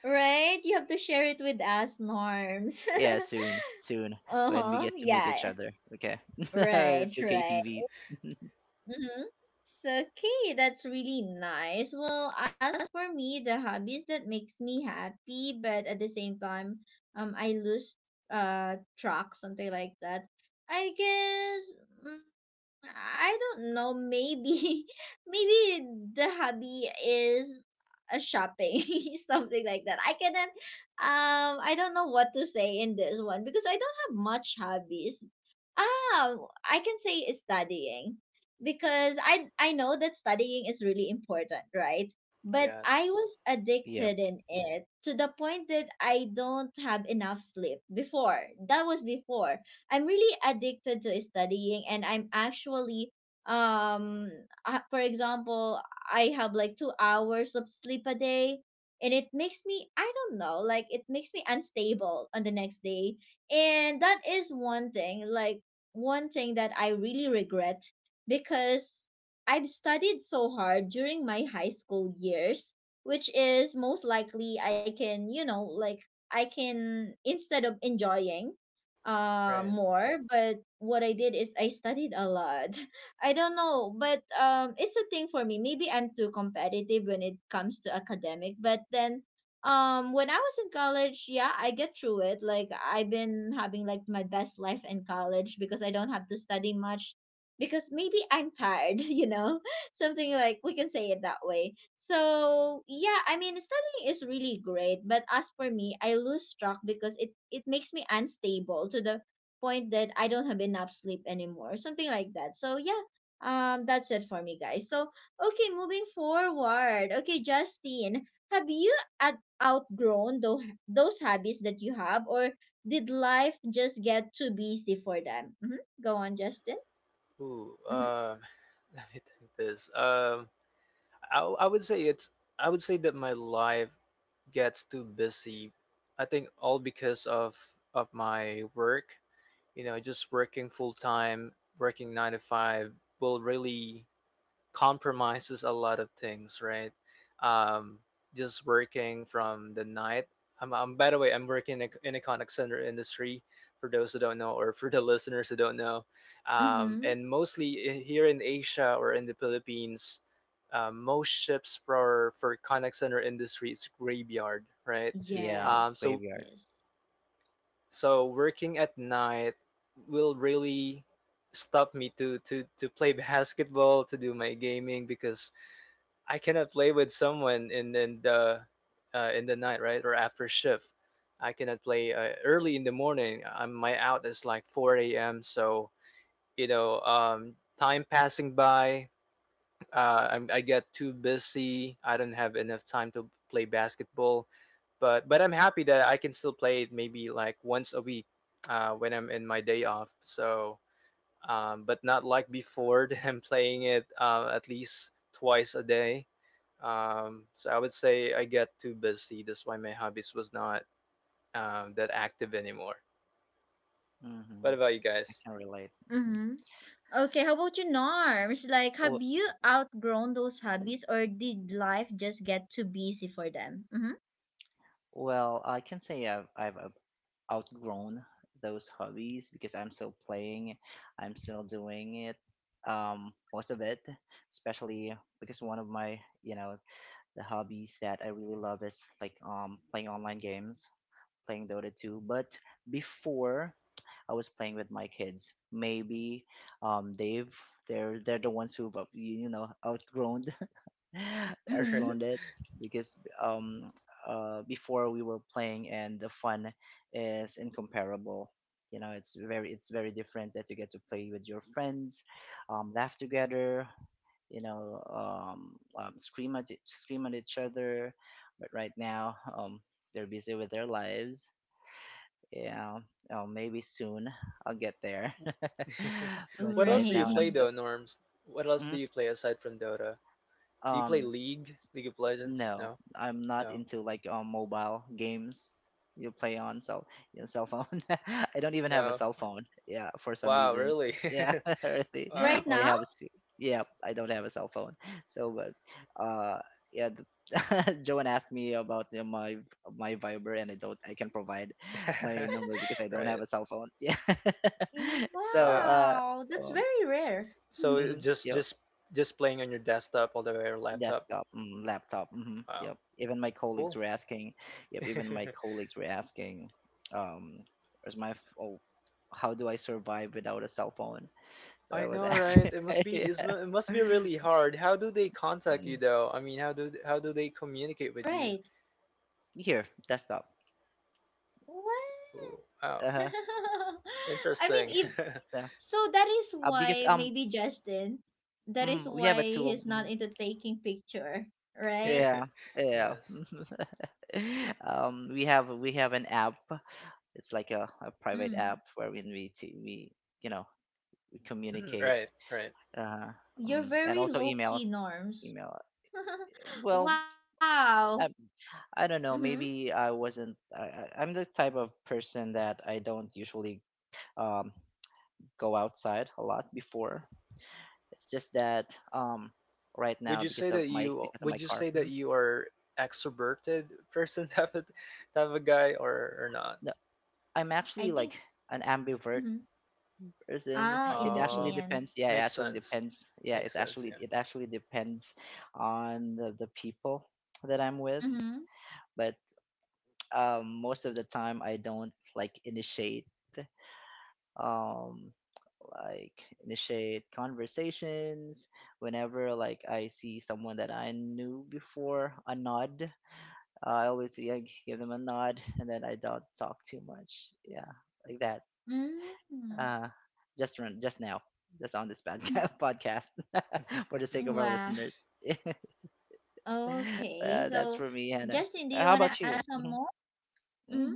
Speaker 1: right, you have to share it with us, Norms.
Speaker 3: Yeah, soon, soon, when we
Speaker 1: Uh-huh.
Speaker 3: get to meet each
Speaker 1: Yeah.
Speaker 3: other. Okay,
Speaker 1: Right,
Speaker 3: let's do
Speaker 1: right.
Speaker 3: KTVs.
Speaker 1: Mm-hmm. So okay, that's really nice. Well, as for me, the hobbies that makes me happy, but at the same time, I lose track, something like that. I guess, mm, I don't know. Maybe, maybe the hobby is a shopping, something like that. I cannot. I don't know what to say in this one because I don't have much hobbies. Ah, I can say is studying because I know that studying is really important, right? But I
Speaker 2: Yes,
Speaker 1: was
Speaker 3: Yeah,
Speaker 1: addicted in it to the point that I don't have enough sleep before. That was before. I'm really addicted to studying and I'm actually, um for example, I have like 2 hours of sleep a day, and it makes me I don't know, like it makes me unstable on the next day. And that is one thing, like one thing that I really regret because I've studied so hard during my high school years, which is most likely I can, you know, like I can, instead of enjoying
Speaker 2: right.
Speaker 1: more, but what I did is I studied a lot. I don't know, but it's a thing for me. Maybe I'm too competitive when it comes to academic, but then, when I was in college, yeah, I get through it. Like, I've been having like my best life in college because I don't have to study much because maybe I'm tired. You know, something like we can say it that way. So yeah, I mean, studying is really great, but as for me, I lose track because it makes me unstable to the point that I don't have enough sleep anymore, something like that. So yeah, that's it for me, guys. So okay, moving forward. Okay, Justine, have you at outgrown those habits that you have, or did life just get too busy for them? Mm-hmm. Go on, Justin.
Speaker 2: Ooh,
Speaker 1: Mm-hmm.
Speaker 2: let me think this. I would say it's I would say that my life gets too busy. I think all because of my work. Just working full time, working 9 to 5, will really compromises a lot of things, right? Um, just working from the night. I'm By the way, I'm working in the contact center industry for those who don't know, or for the listeners who don't know.
Speaker 1: Mm-hmm.
Speaker 2: And mostly here in Asia or in the Philippines, most ships for contact center industry is graveyard, right?
Speaker 3: yeah,
Speaker 2: Um,
Speaker 1: Yes.
Speaker 2: so
Speaker 3: graveyard.
Speaker 1: Yes.
Speaker 2: so working at night will really stop me to play basketball to do my gaming, because I cannot play with someone in the night, right, or after shift. I cannot play early in the morning. My out is like four a.m. So, time passing by. I get too busy. I don't have enough time to play basketball, but I'm happy that I can still play it maybe like once a week, when I'm in my day off. So, but not like before that I'm playing it, at least twice a day. So I would say I get too busy. That's why my hobbies was not, that active anymore.
Speaker 3: hmm
Speaker 2: What about you
Speaker 3: I
Speaker 2: guys?
Speaker 3: can relate. Mhm.
Speaker 1: Mm-hmm. Okay, how about you, Norms? Like,
Speaker 3: W-
Speaker 1: have you outgrown those hobbies or did life just get too busy for them? Mm-hmm.
Speaker 3: Well, I can say I've outgrown those hobbies, because I'm still playing, I'm still doing it, most of it, especially because one of my, you know, the hobbies that I really love is like, playing online games, playing Dota 2. But before I was playing with my kids, maybe um they've they're the ones who've, you know, outgrown
Speaker 2: Alright.
Speaker 1: Mm-hmm.
Speaker 3: outgrown it, because before we were playing and the fun is incomparable. You know, it's very, it's very different, that you get to play with your friends, laugh together, you know, scream at each other. But right now, they're busy with their lives, yeah. Oh, maybe soon I'll get there. But
Speaker 2: What else
Speaker 3: right
Speaker 2: do you
Speaker 3: now I'm
Speaker 2: play
Speaker 1: Right.
Speaker 3: still.
Speaker 2: though, Norms? What else do
Speaker 3: Mhm.
Speaker 2: you play aside from Dota? Do you play
Speaker 3: Um,
Speaker 2: League? League of Legends?
Speaker 3: no,
Speaker 2: No,
Speaker 3: I'm not
Speaker 2: no,
Speaker 3: into like, mobile games you play on cell your cell phone. I don't even have a
Speaker 2: no.
Speaker 3: cell phone. Yeah, for some
Speaker 2: Wow,
Speaker 3: reasons.
Speaker 2: really?
Speaker 3: Yeah, really.
Speaker 2: Wow.
Speaker 1: Right
Speaker 3: All I
Speaker 1: now?
Speaker 3: have is yeah. I don't have a cell phone. So, but yeah. Joan asked me about my Viber, and I don't. I can provide my number because I don't have
Speaker 2: Right.
Speaker 3: a cell phone. Yeah. So,
Speaker 2: Wow.
Speaker 1: Wow, that's
Speaker 3: um,
Speaker 1: very rare.
Speaker 2: So
Speaker 3: mhm,
Speaker 2: just
Speaker 3: yeah.
Speaker 2: just just playing on your desktop all the way, or laptop.
Speaker 3: Desktop, laptop.
Speaker 2: Wow.
Speaker 3: Yep. Even my colleagues
Speaker 2: Cool.
Speaker 3: were asking. Yep. Even my colleagues were asking, um, where's my oh, how do I survive without a cell phone? So I
Speaker 2: I
Speaker 3: was
Speaker 2: know, right?
Speaker 3: asking. Yeah.
Speaker 2: It must be really hard. How do they contact you
Speaker 3: Mm,
Speaker 2: though? I mean, how do they communicate with you?
Speaker 1: Right.
Speaker 3: here, desktop.
Speaker 2: Ooh,
Speaker 1: What?
Speaker 2: wow,
Speaker 3: Uh huh.
Speaker 1: I
Speaker 2: interesting.
Speaker 1: mean, if
Speaker 3: So
Speaker 1: so, that is
Speaker 3: because
Speaker 1: why maybe Justin, that is
Speaker 3: we have a
Speaker 1: why
Speaker 3: tool.
Speaker 1: he's not
Speaker 3: Mhm.
Speaker 1: into taking picture, right?
Speaker 3: Yeah. Yeah.
Speaker 2: Yes.
Speaker 3: Um, we have an app. It's like a private
Speaker 1: Mm.
Speaker 3: app wherein we t- we you know we
Speaker 2: Mm,
Speaker 3: communicate,
Speaker 2: right, right.
Speaker 3: uh,
Speaker 1: You're
Speaker 3: and
Speaker 1: very
Speaker 3: also
Speaker 1: low
Speaker 3: emails
Speaker 1: key, Norms.
Speaker 3: email Well,
Speaker 1: Wow.
Speaker 3: I, I
Speaker 1: Mm-hmm.
Speaker 3: don't know. Maybe I wasn't I- I'm the type of person that I don't usually um, go outside a lot before. It's just that, right
Speaker 2: Would
Speaker 3: now,
Speaker 2: you
Speaker 3: because
Speaker 2: say
Speaker 3: of
Speaker 2: that
Speaker 3: my
Speaker 2: you
Speaker 3: because of
Speaker 2: would
Speaker 3: my
Speaker 2: you
Speaker 3: car.
Speaker 2: say that
Speaker 3: Mhm.
Speaker 2: you are extroverted person, type of guy, or not?
Speaker 3: No, I'm
Speaker 1: I
Speaker 3: actually
Speaker 1: think.
Speaker 3: like an ambivert
Speaker 1: Mhm.
Speaker 3: person.
Speaker 1: Oh,
Speaker 3: It
Speaker 1: in
Speaker 3: actually
Speaker 2: Um,
Speaker 1: between.
Speaker 3: depends, yeah. It
Speaker 2: Makes
Speaker 3: actually
Speaker 2: sense.
Speaker 3: depends, yeah.
Speaker 2: Makes
Speaker 3: it's
Speaker 2: sense.
Speaker 3: actually
Speaker 2: Yeah,
Speaker 3: it actually depends on the people that I'm with.
Speaker 1: Mhm.
Speaker 3: But, most of the time I don't um like initiate conversations. Whenever, like, I see someone that I knew before, a nod I always, like, give them a nod, and then I don't talk too much, yeah, like that.
Speaker 1: Mm.
Speaker 3: uh just run just now just on this podcast for the sake of our
Speaker 1: Wow.
Speaker 3: listeners.
Speaker 1: Okay.
Speaker 3: uh, that's
Speaker 1: So,
Speaker 3: for me, Hannah.
Speaker 1: Justin, do you
Speaker 3: How
Speaker 1: want to
Speaker 3: about
Speaker 1: ask
Speaker 3: you?
Speaker 1: some
Speaker 3: Hmm.
Speaker 1: more? Mm?
Speaker 3: Hmm.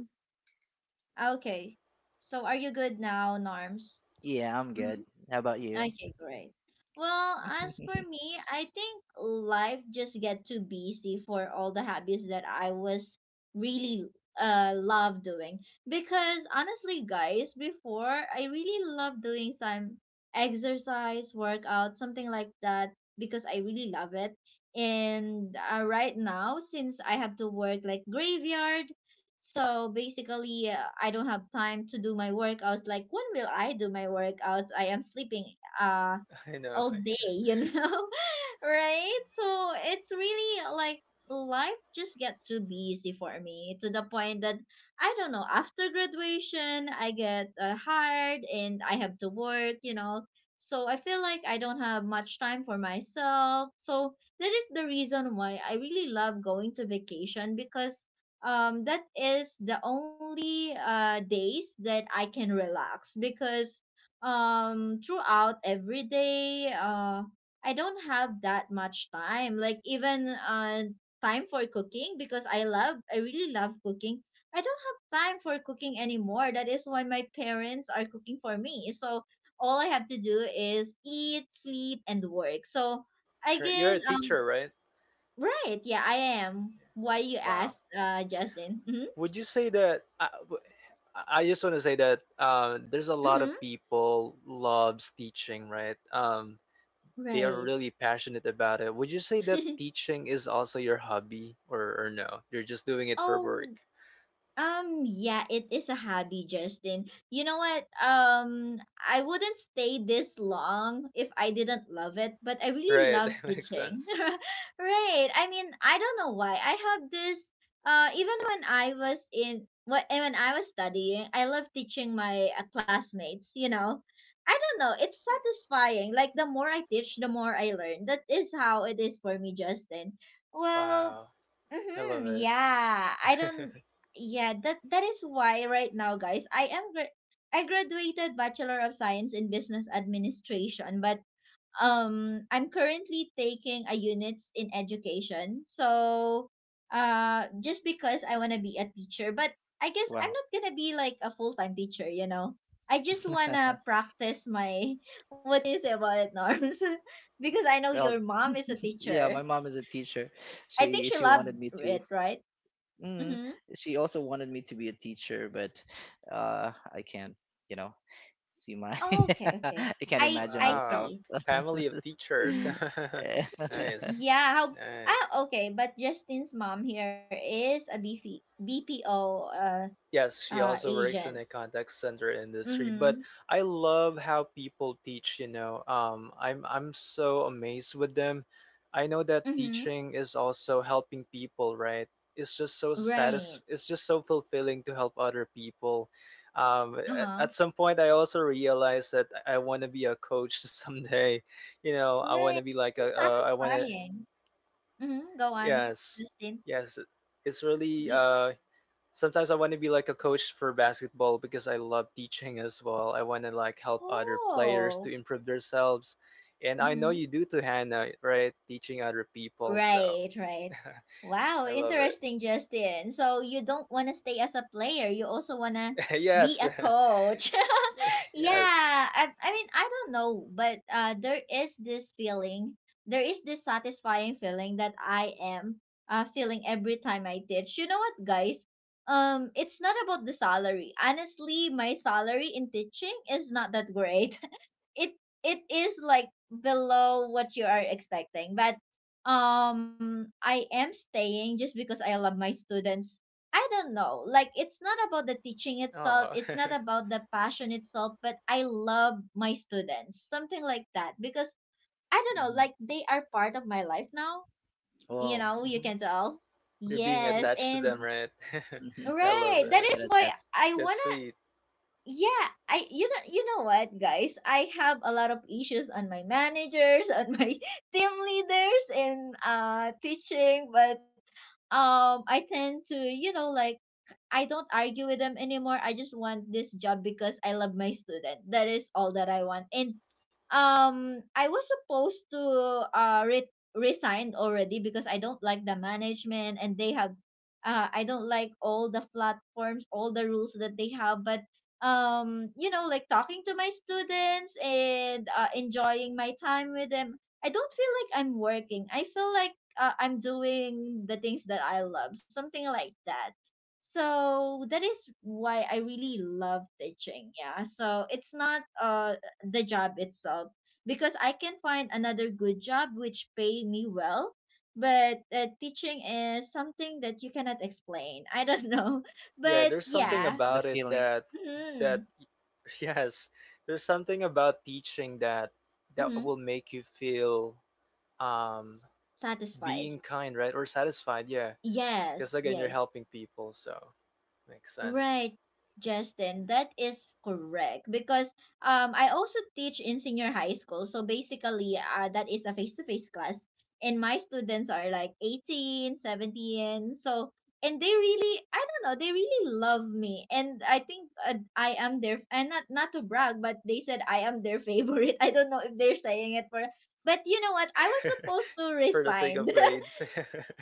Speaker 1: Okay. So, are you good now, Norms?
Speaker 3: Yeah, I'm good.
Speaker 1: Mm-hmm.
Speaker 3: How about you?
Speaker 1: Okay, great. Well, as for me, I think life just get too busy for all the hobbies that I was really love doing. Because honestly, guys, before I really love doing some exercise, workout, something like that because I really love it. And right now, since I have to work like graveyard, so basically, I don't have time to do my workouts. Like, when will I do my workouts? I am sleeping uh
Speaker 2: I know.
Speaker 1: all day, you know. Right, so it's really like life just get too busy for me to the point that I don't know. After graduation I get hired and I have to work, you know. So I feel like I don't have much time for myself. So that is the reason why I really love going to vacation because that is the only days that I can relax because, throughout every day, I don't have that much time, like, even time for cooking because I really love cooking. I don't have time for cooking anymore. That is why my parents are cooking for me. So all I have to do is eat, sleep and work. So I
Speaker 2: You're
Speaker 1: guess,
Speaker 2: a teacher, right?
Speaker 1: right. Yeah, I am. Why you
Speaker 2: Wow.
Speaker 1: asked, Justin? Mm-hmm.
Speaker 2: Would you say that? I just want to say that, there's a lot
Speaker 1: Mm-hmm.
Speaker 2: of people loves teaching, right? They are
Speaker 1: Right.
Speaker 2: really passionate about it. Would you say that teaching is also your hobby, or no? You're just doing it for
Speaker 1: Oh.
Speaker 2: work,
Speaker 1: Yeah, it is a hobby, Justin. You know what? I wouldn't stay this long if I didn't love it, but I really
Speaker 2: right?
Speaker 1: love
Speaker 2: That makes
Speaker 1: teaching.
Speaker 2: sense.
Speaker 1: Right. I mean, I don't know why. I have this. Even when I was, when I was studying, I love teaching my classmates, you know. I don't know. It's satisfying. Like, the more I teach, the more I learn. That is how it is for me, Justin. Well,
Speaker 2: Wow, I
Speaker 1: mm-hmm,
Speaker 2: love it.
Speaker 1: yeah. I don't Yeah, that is why right now, guys, I am I graduated Bachelor of Science in Business Administration, but I'm currently taking a units in education. So, just because I want to be a teacher, but I guess I'm
Speaker 3: Wow.
Speaker 1: not going to be like a full-time teacher, you know. I just want to practice my what do you say about it, Norms, because I know
Speaker 3: Well,
Speaker 1: your mom is a
Speaker 3: yeah,
Speaker 1: teacher.
Speaker 3: my mom is a teacher.
Speaker 1: I think
Speaker 3: She
Speaker 1: she
Speaker 3: she
Speaker 1: loved
Speaker 3: wanted me to.
Speaker 1: it, right?
Speaker 3: Mm,
Speaker 1: Mm-hmm.
Speaker 3: she also wanted me to be a teacher, but, I can't, you know, see my.
Speaker 1: Oh, okay, okay.
Speaker 3: I can't
Speaker 1: I
Speaker 3: imagine
Speaker 1: I
Speaker 3: myself.
Speaker 2: Wow,
Speaker 1: see.
Speaker 2: family of teachers.
Speaker 1: Hmm.
Speaker 2: Nice,
Speaker 1: Yeah. How?
Speaker 2: nice.
Speaker 1: Ah, okay. But Justin's mom here is a BPBPO. BP, BPO
Speaker 2: Yes, she also works
Speaker 1: agent.
Speaker 2: in a contact center industry,
Speaker 1: Mm-hmm.
Speaker 2: but I love how people teach. I'm so amazed with them. I know that
Speaker 1: Mm-hmm.
Speaker 2: teaching is also helping people, right?
Speaker 1: Right.
Speaker 2: It's just so fulfilling to help other people.
Speaker 1: Uh-huh.
Speaker 2: At some point I also realized that I want to be a coach someday. I
Speaker 1: Right.
Speaker 2: want to be like
Speaker 1: It's
Speaker 2: a. I want to,
Speaker 1: satisfying. Mm-hmm. Go on,
Speaker 2: yes.
Speaker 1: Justin.
Speaker 2: Yes, it's really
Speaker 1: You.
Speaker 2: sometimes I want to be like a coach for basketball because I love teaching as well. I want to like help other players
Speaker 1: Oh.
Speaker 2: to improve themselves. And I know
Speaker 1: Mm-hmm.
Speaker 2: you do to Hannah, right? Teaching other people.
Speaker 1: Right,
Speaker 2: So
Speaker 1: right. Wow,
Speaker 2: I love it.
Speaker 1: interesting, Justin. So you don't want to stay as a player, you also want to be
Speaker 2: Yes.
Speaker 1: a coach. Yeah,
Speaker 2: Yes.
Speaker 1: I mean, I don't know, but there is this feeling, there is this satisfying feeling that I am, feeling every time I teach. You know what, guys? It's not about the salary. Honestly, my salary in teaching is not that great. It it is like below what you are expecting, but I am staying just because I love my students. I don't know, like, it's not about the teaching itself,
Speaker 2: Oh,
Speaker 1: it's not about the passion itself, but I love my students, something like that, because I don't know,
Speaker 3: Hmm.
Speaker 1: like, they are part of my life now, you know.
Speaker 3: Whoa.
Speaker 1: You can
Speaker 3: Hmm.
Speaker 1: tell.
Speaker 2: you're being
Speaker 1: Yes,
Speaker 3: Yeah.
Speaker 2: attached to
Speaker 1: and
Speaker 2: them, right?
Speaker 3: Hmm.
Speaker 2: I love
Speaker 1: right, that
Speaker 2: it.
Speaker 1: is
Speaker 3: Get
Speaker 1: why
Speaker 3: attached.
Speaker 1: I
Speaker 2: That's
Speaker 1: wanna.
Speaker 2: sweet.
Speaker 1: Yeah, I you know what, guys, I have a lot of issues on my managers, on my team leaders in teaching, but I tend to, like, I don't argue with them anymore. I just want this job because I love my student. That is all that I want. And I was supposed to resign already because I don't like the management, and they have— I don't like all the platforms, all the rules that they have, but like talking to my students and enjoying my time with them, I don't feel like I'm working. I feel like, I'm doing the things that I love, something like that. So that is why I really love teaching. Yeah. So it's not, the job itself, because I can find another good job which pay me well. But teaching is something that you cannot explain. I don't know,
Speaker 2: Yeah,
Speaker 1: but
Speaker 2: there's
Speaker 3: Mhm.
Speaker 2: something
Speaker 1: yeah.
Speaker 3: The
Speaker 2: about it
Speaker 3: feeling.
Speaker 2: that
Speaker 1: Mm-hmm.
Speaker 2: yes, there's something about teaching that
Speaker 1: Mm-hmm.
Speaker 2: will make you feel um
Speaker 1: Satisfied.
Speaker 2: being kind, right? Or satisfied, yeah. Because
Speaker 1: Yes.
Speaker 2: again, you're
Speaker 1: Yes.
Speaker 2: helping people, so makes
Speaker 1: Right,
Speaker 2: sense.
Speaker 1: Justin, that is correct because I also teach in senior high school. So basically, that is a face-to-face class, and my students are like 18, 17. So, and they really, I don't know, they really love me. And I think, I am their— and not to brag, but they said I am their favorite. I don't know if they're saying it for— but you know what? I was supposed to
Speaker 2: For the sake
Speaker 1: resign.
Speaker 2: of grades,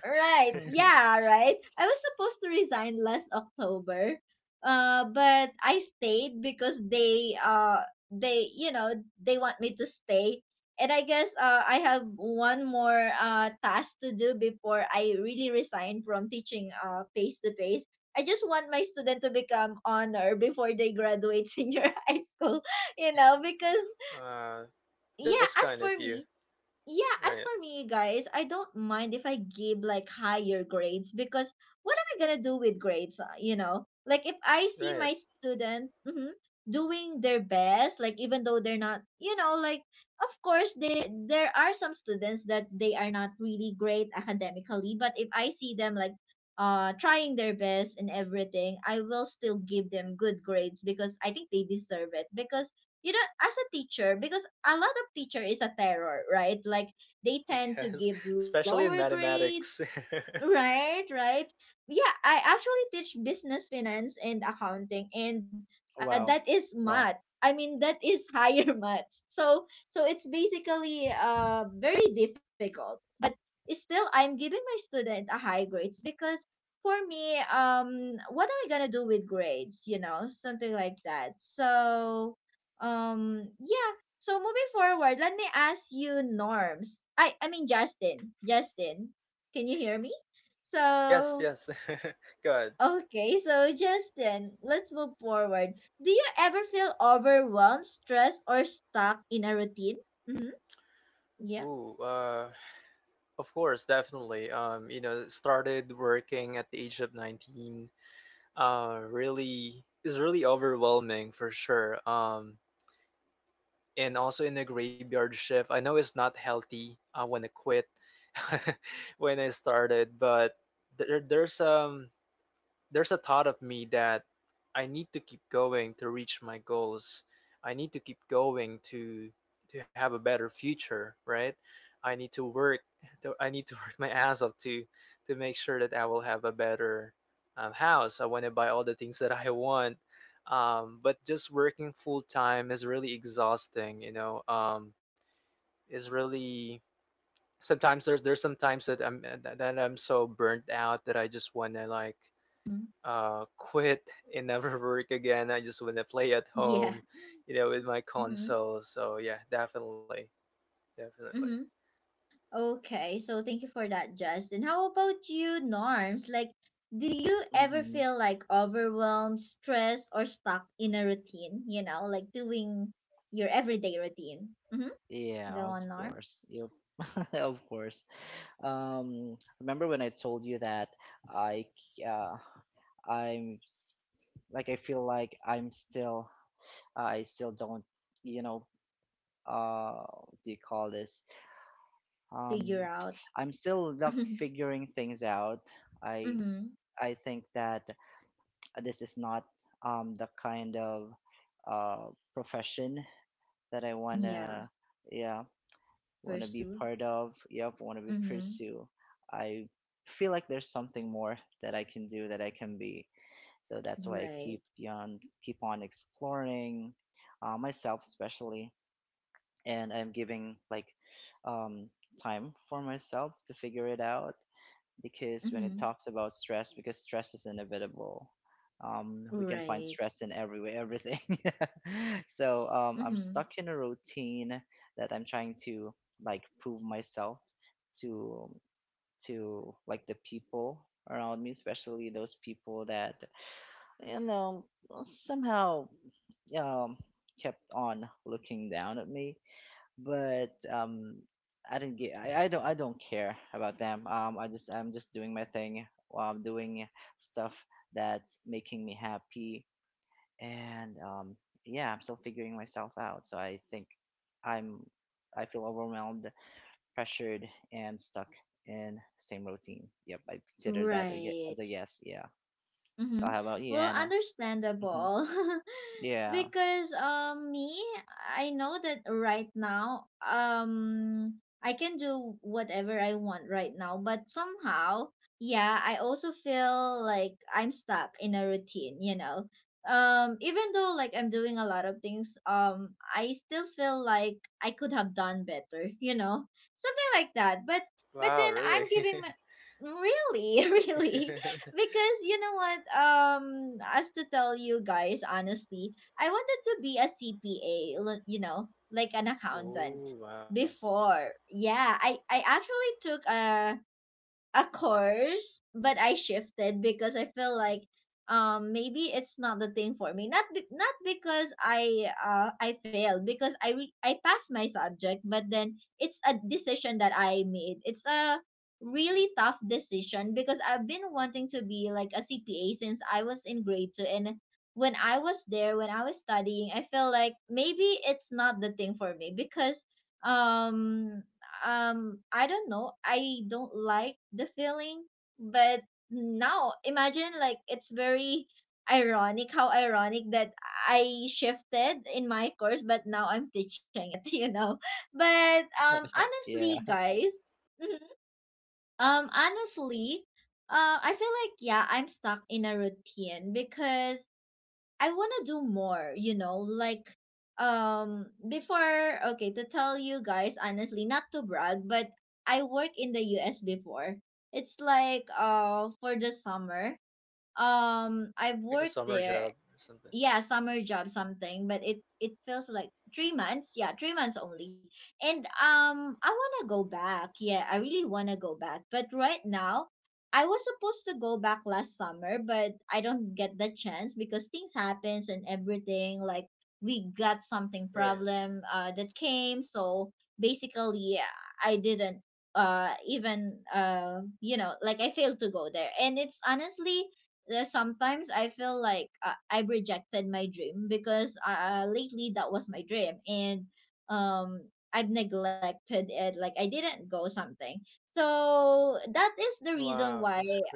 Speaker 1: Right. Yeah, right. I was supposed to resign last October. But I stayed because they you know, they want me to stay. And I guess, I have one more task to do before I really resign from teaching, face to face. I just want my student to become honor before they graduate senior high school, because—
Speaker 2: uh, that's
Speaker 1: yeah,
Speaker 2: kind
Speaker 1: as
Speaker 2: of
Speaker 1: for
Speaker 2: you,
Speaker 1: me, yeah,
Speaker 2: right?
Speaker 1: as for me, guys, I don't mind if I give like higher grades because, what am I gonna do with grades? You know, like if I see
Speaker 2: Right.
Speaker 1: my student, doing their best, like, even though they're not, like, of course they there are some students that they are not really great academically, but if I see them like, trying their best and everything, I will still give them good grades because I think they deserve it. Because, as a teacher, because a lot of teacher is a terror, right? Like, they tend to
Speaker 2: Yes,
Speaker 1: give lower
Speaker 2: especially in
Speaker 1: grades.
Speaker 2: mathematics.
Speaker 1: Right, right. Yeah, I actually teach business finance and accounting, and
Speaker 3: Wow.
Speaker 1: that is
Speaker 3: Wow.
Speaker 1: math. I mean, that is higher maths. So, it's basically, very difficult. But still I'm giving my student a high grades because, for me, what am I going to do with grades, you know, something like that. So, yeah, so moving forward, let me ask you, Norms. I mean Justin, Justin, can you hear me?
Speaker 2: Yes,
Speaker 1: So,
Speaker 2: yes. Good.
Speaker 1: okay, so, Justin, let's move forward. Do you ever feel overwhelmed, stressed, or stuck in a routine? Mm-hmm. Yeah.
Speaker 2: Ooh, of course, definitely. Started working at the age of 19. Really is really overwhelming for sure. And also in a graveyard shift. I know it's not healthy. I want to quit when I started, but there, there's um there's a thought of me that I need to keep going to reach my goals. I need to keep going to have a better future, right? I need to work. I need to work my ass off to make sure that I will have a better house. I want to buy all the things that I want. But just working full time is really exhausting. Is really sometimes there's some times that I'm so burnt out that I just want to like
Speaker 1: Mm.
Speaker 2: quit and never work again. I just want to play at
Speaker 1: Yeah.
Speaker 2: home, with my
Speaker 1: Mm-hmm.
Speaker 2: console. So yeah, definitely, definitely.
Speaker 1: Mm-hmm. Okay, so thank you for that, Justin. How about you, Norms? Like, do you ever
Speaker 3: Hmm.
Speaker 1: feel like overwhelmed, stressed, or stuck in a routine? You know, like doing your everyday routine. Mm-hmm.
Speaker 3: Yeah,
Speaker 1: Go
Speaker 3: of
Speaker 1: on, Norm.
Speaker 3: course. Yep. Of course. Remember when I told you that, I, uh, I'm s- like, I feel like I still don't, you know what do you call this,
Speaker 1: Figure
Speaker 3: um
Speaker 1: out.
Speaker 3: I'm still not figuring things out. I
Speaker 1: Mm-hmm.
Speaker 3: I think that this is not, the kind of, uh profession that I
Speaker 1: Yeah.
Speaker 3: wanna, yeah, want to be
Speaker 1: Pursue.
Speaker 3: part of, yep, want to be
Speaker 1: Mhm.
Speaker 3: pursue. I feel like there's something more that I can do, that I can be. So that's why I keep
Speaker 1: Right.
Speaker 3: on keep on exploring, myself especially, and I'm giving, like, um, time for myself to figure it out, because when it
Speaker 1: Mhm.
Speaker 3: talks about stress, because stress is inevitable. We can find
Speaker 1: Right.
Speaker 3: stress in every way, everything. So, I'm
Speaker 1: Mhm.
Speaker 3: stuck in a routine that I'm trying to, like, prove myself to to, like, the people around me, especially those people that, you know somehow, um kept on looking down at me. But, I don't care about them. I'm just doing my thing while I'm doing stuff that's making me happy. And, yeah, I'm still figuring myself out. So I think i'm I feel overwhelmed, pressured, and stuck in same routine. Yep, I consider that as
Speaker 1: Right.
Speaker 3: a yes, yeah.
Speaker 1: Mhm.
Speaker 3: How about you,
Speaker 1: Well,
Speaker 3: Hannah? Mhm.
Speaker 1: understandable.
Speaker 3: Yeah.
Speaker 1: Because me, I know that right now, I can do whatever I want right now, but somehow, yeah, I also feel like I'm stuck in a routine, you know. Even though like I'm doing a lot of things, I still feel like I could have done better, you know, something like that. But then
Speaker 2: Wow,
Speaker 1: I'm
Speaker 2: really?
Speaker 1: giving my— really? Really. Because, you know what, as to tell you guys honestly, I wanted to be a CPA, you know, like an accountant
Speaker 2: Ooh, wow.
Speaker 1: before. Yeah, I actually took a course, but I shifted because I feel like, maybe it's not the thing for me. Not because I failed— because I passed my subject, but then it's a decision that I made. It's a really tough decision because I've been wanting to be like a CPA since I was in grade 2. And when I was studying, I felt like maybe it's not the thing for me because, um I don't know. I don't like the feeling, but now imagine, like, it's very ironic, how ironic that I shifted in my course, but now I'm teaching it, you know. But
Speaker 3: Yeah.
Speaker 1: honestly, guys, mhm, honestly, I feel like, yeah, I'm stuck in a routine because I want to do more, you know, like, before, okay, to tell you guys honestly, not to brag, but I work in the US before. It's like, for the summer. I've
Speaker 2: Like a
Speaker 1: worked
Speaker 2: summer
Speaker 1: there,
Speaker 2: job or something,
Speaker 1: yeah, summer job something, but it feels like 3 months, yeah, 3 months only. And I want to go back. Yeah, I really want to go back. But right now, I was supposed to go back last summer, but I don't get the chance because things happens and everything. Like, we got
Speaker 2: right?
Speaker 1: something problem, that came. So basically, I didn't, even, like, I failed to go there. And it's honestly, there's sometimes I feel like, I've rejected my dream because, lately that was my dream. And um I've neglected it, like I didn't go something. So that is
Speaker 2: Wow,
Speaker 1: the
Speaker 2: that's
Speaker 1: reason
Speaker 2: great
Speaker 1: why.
Speaker 2: though.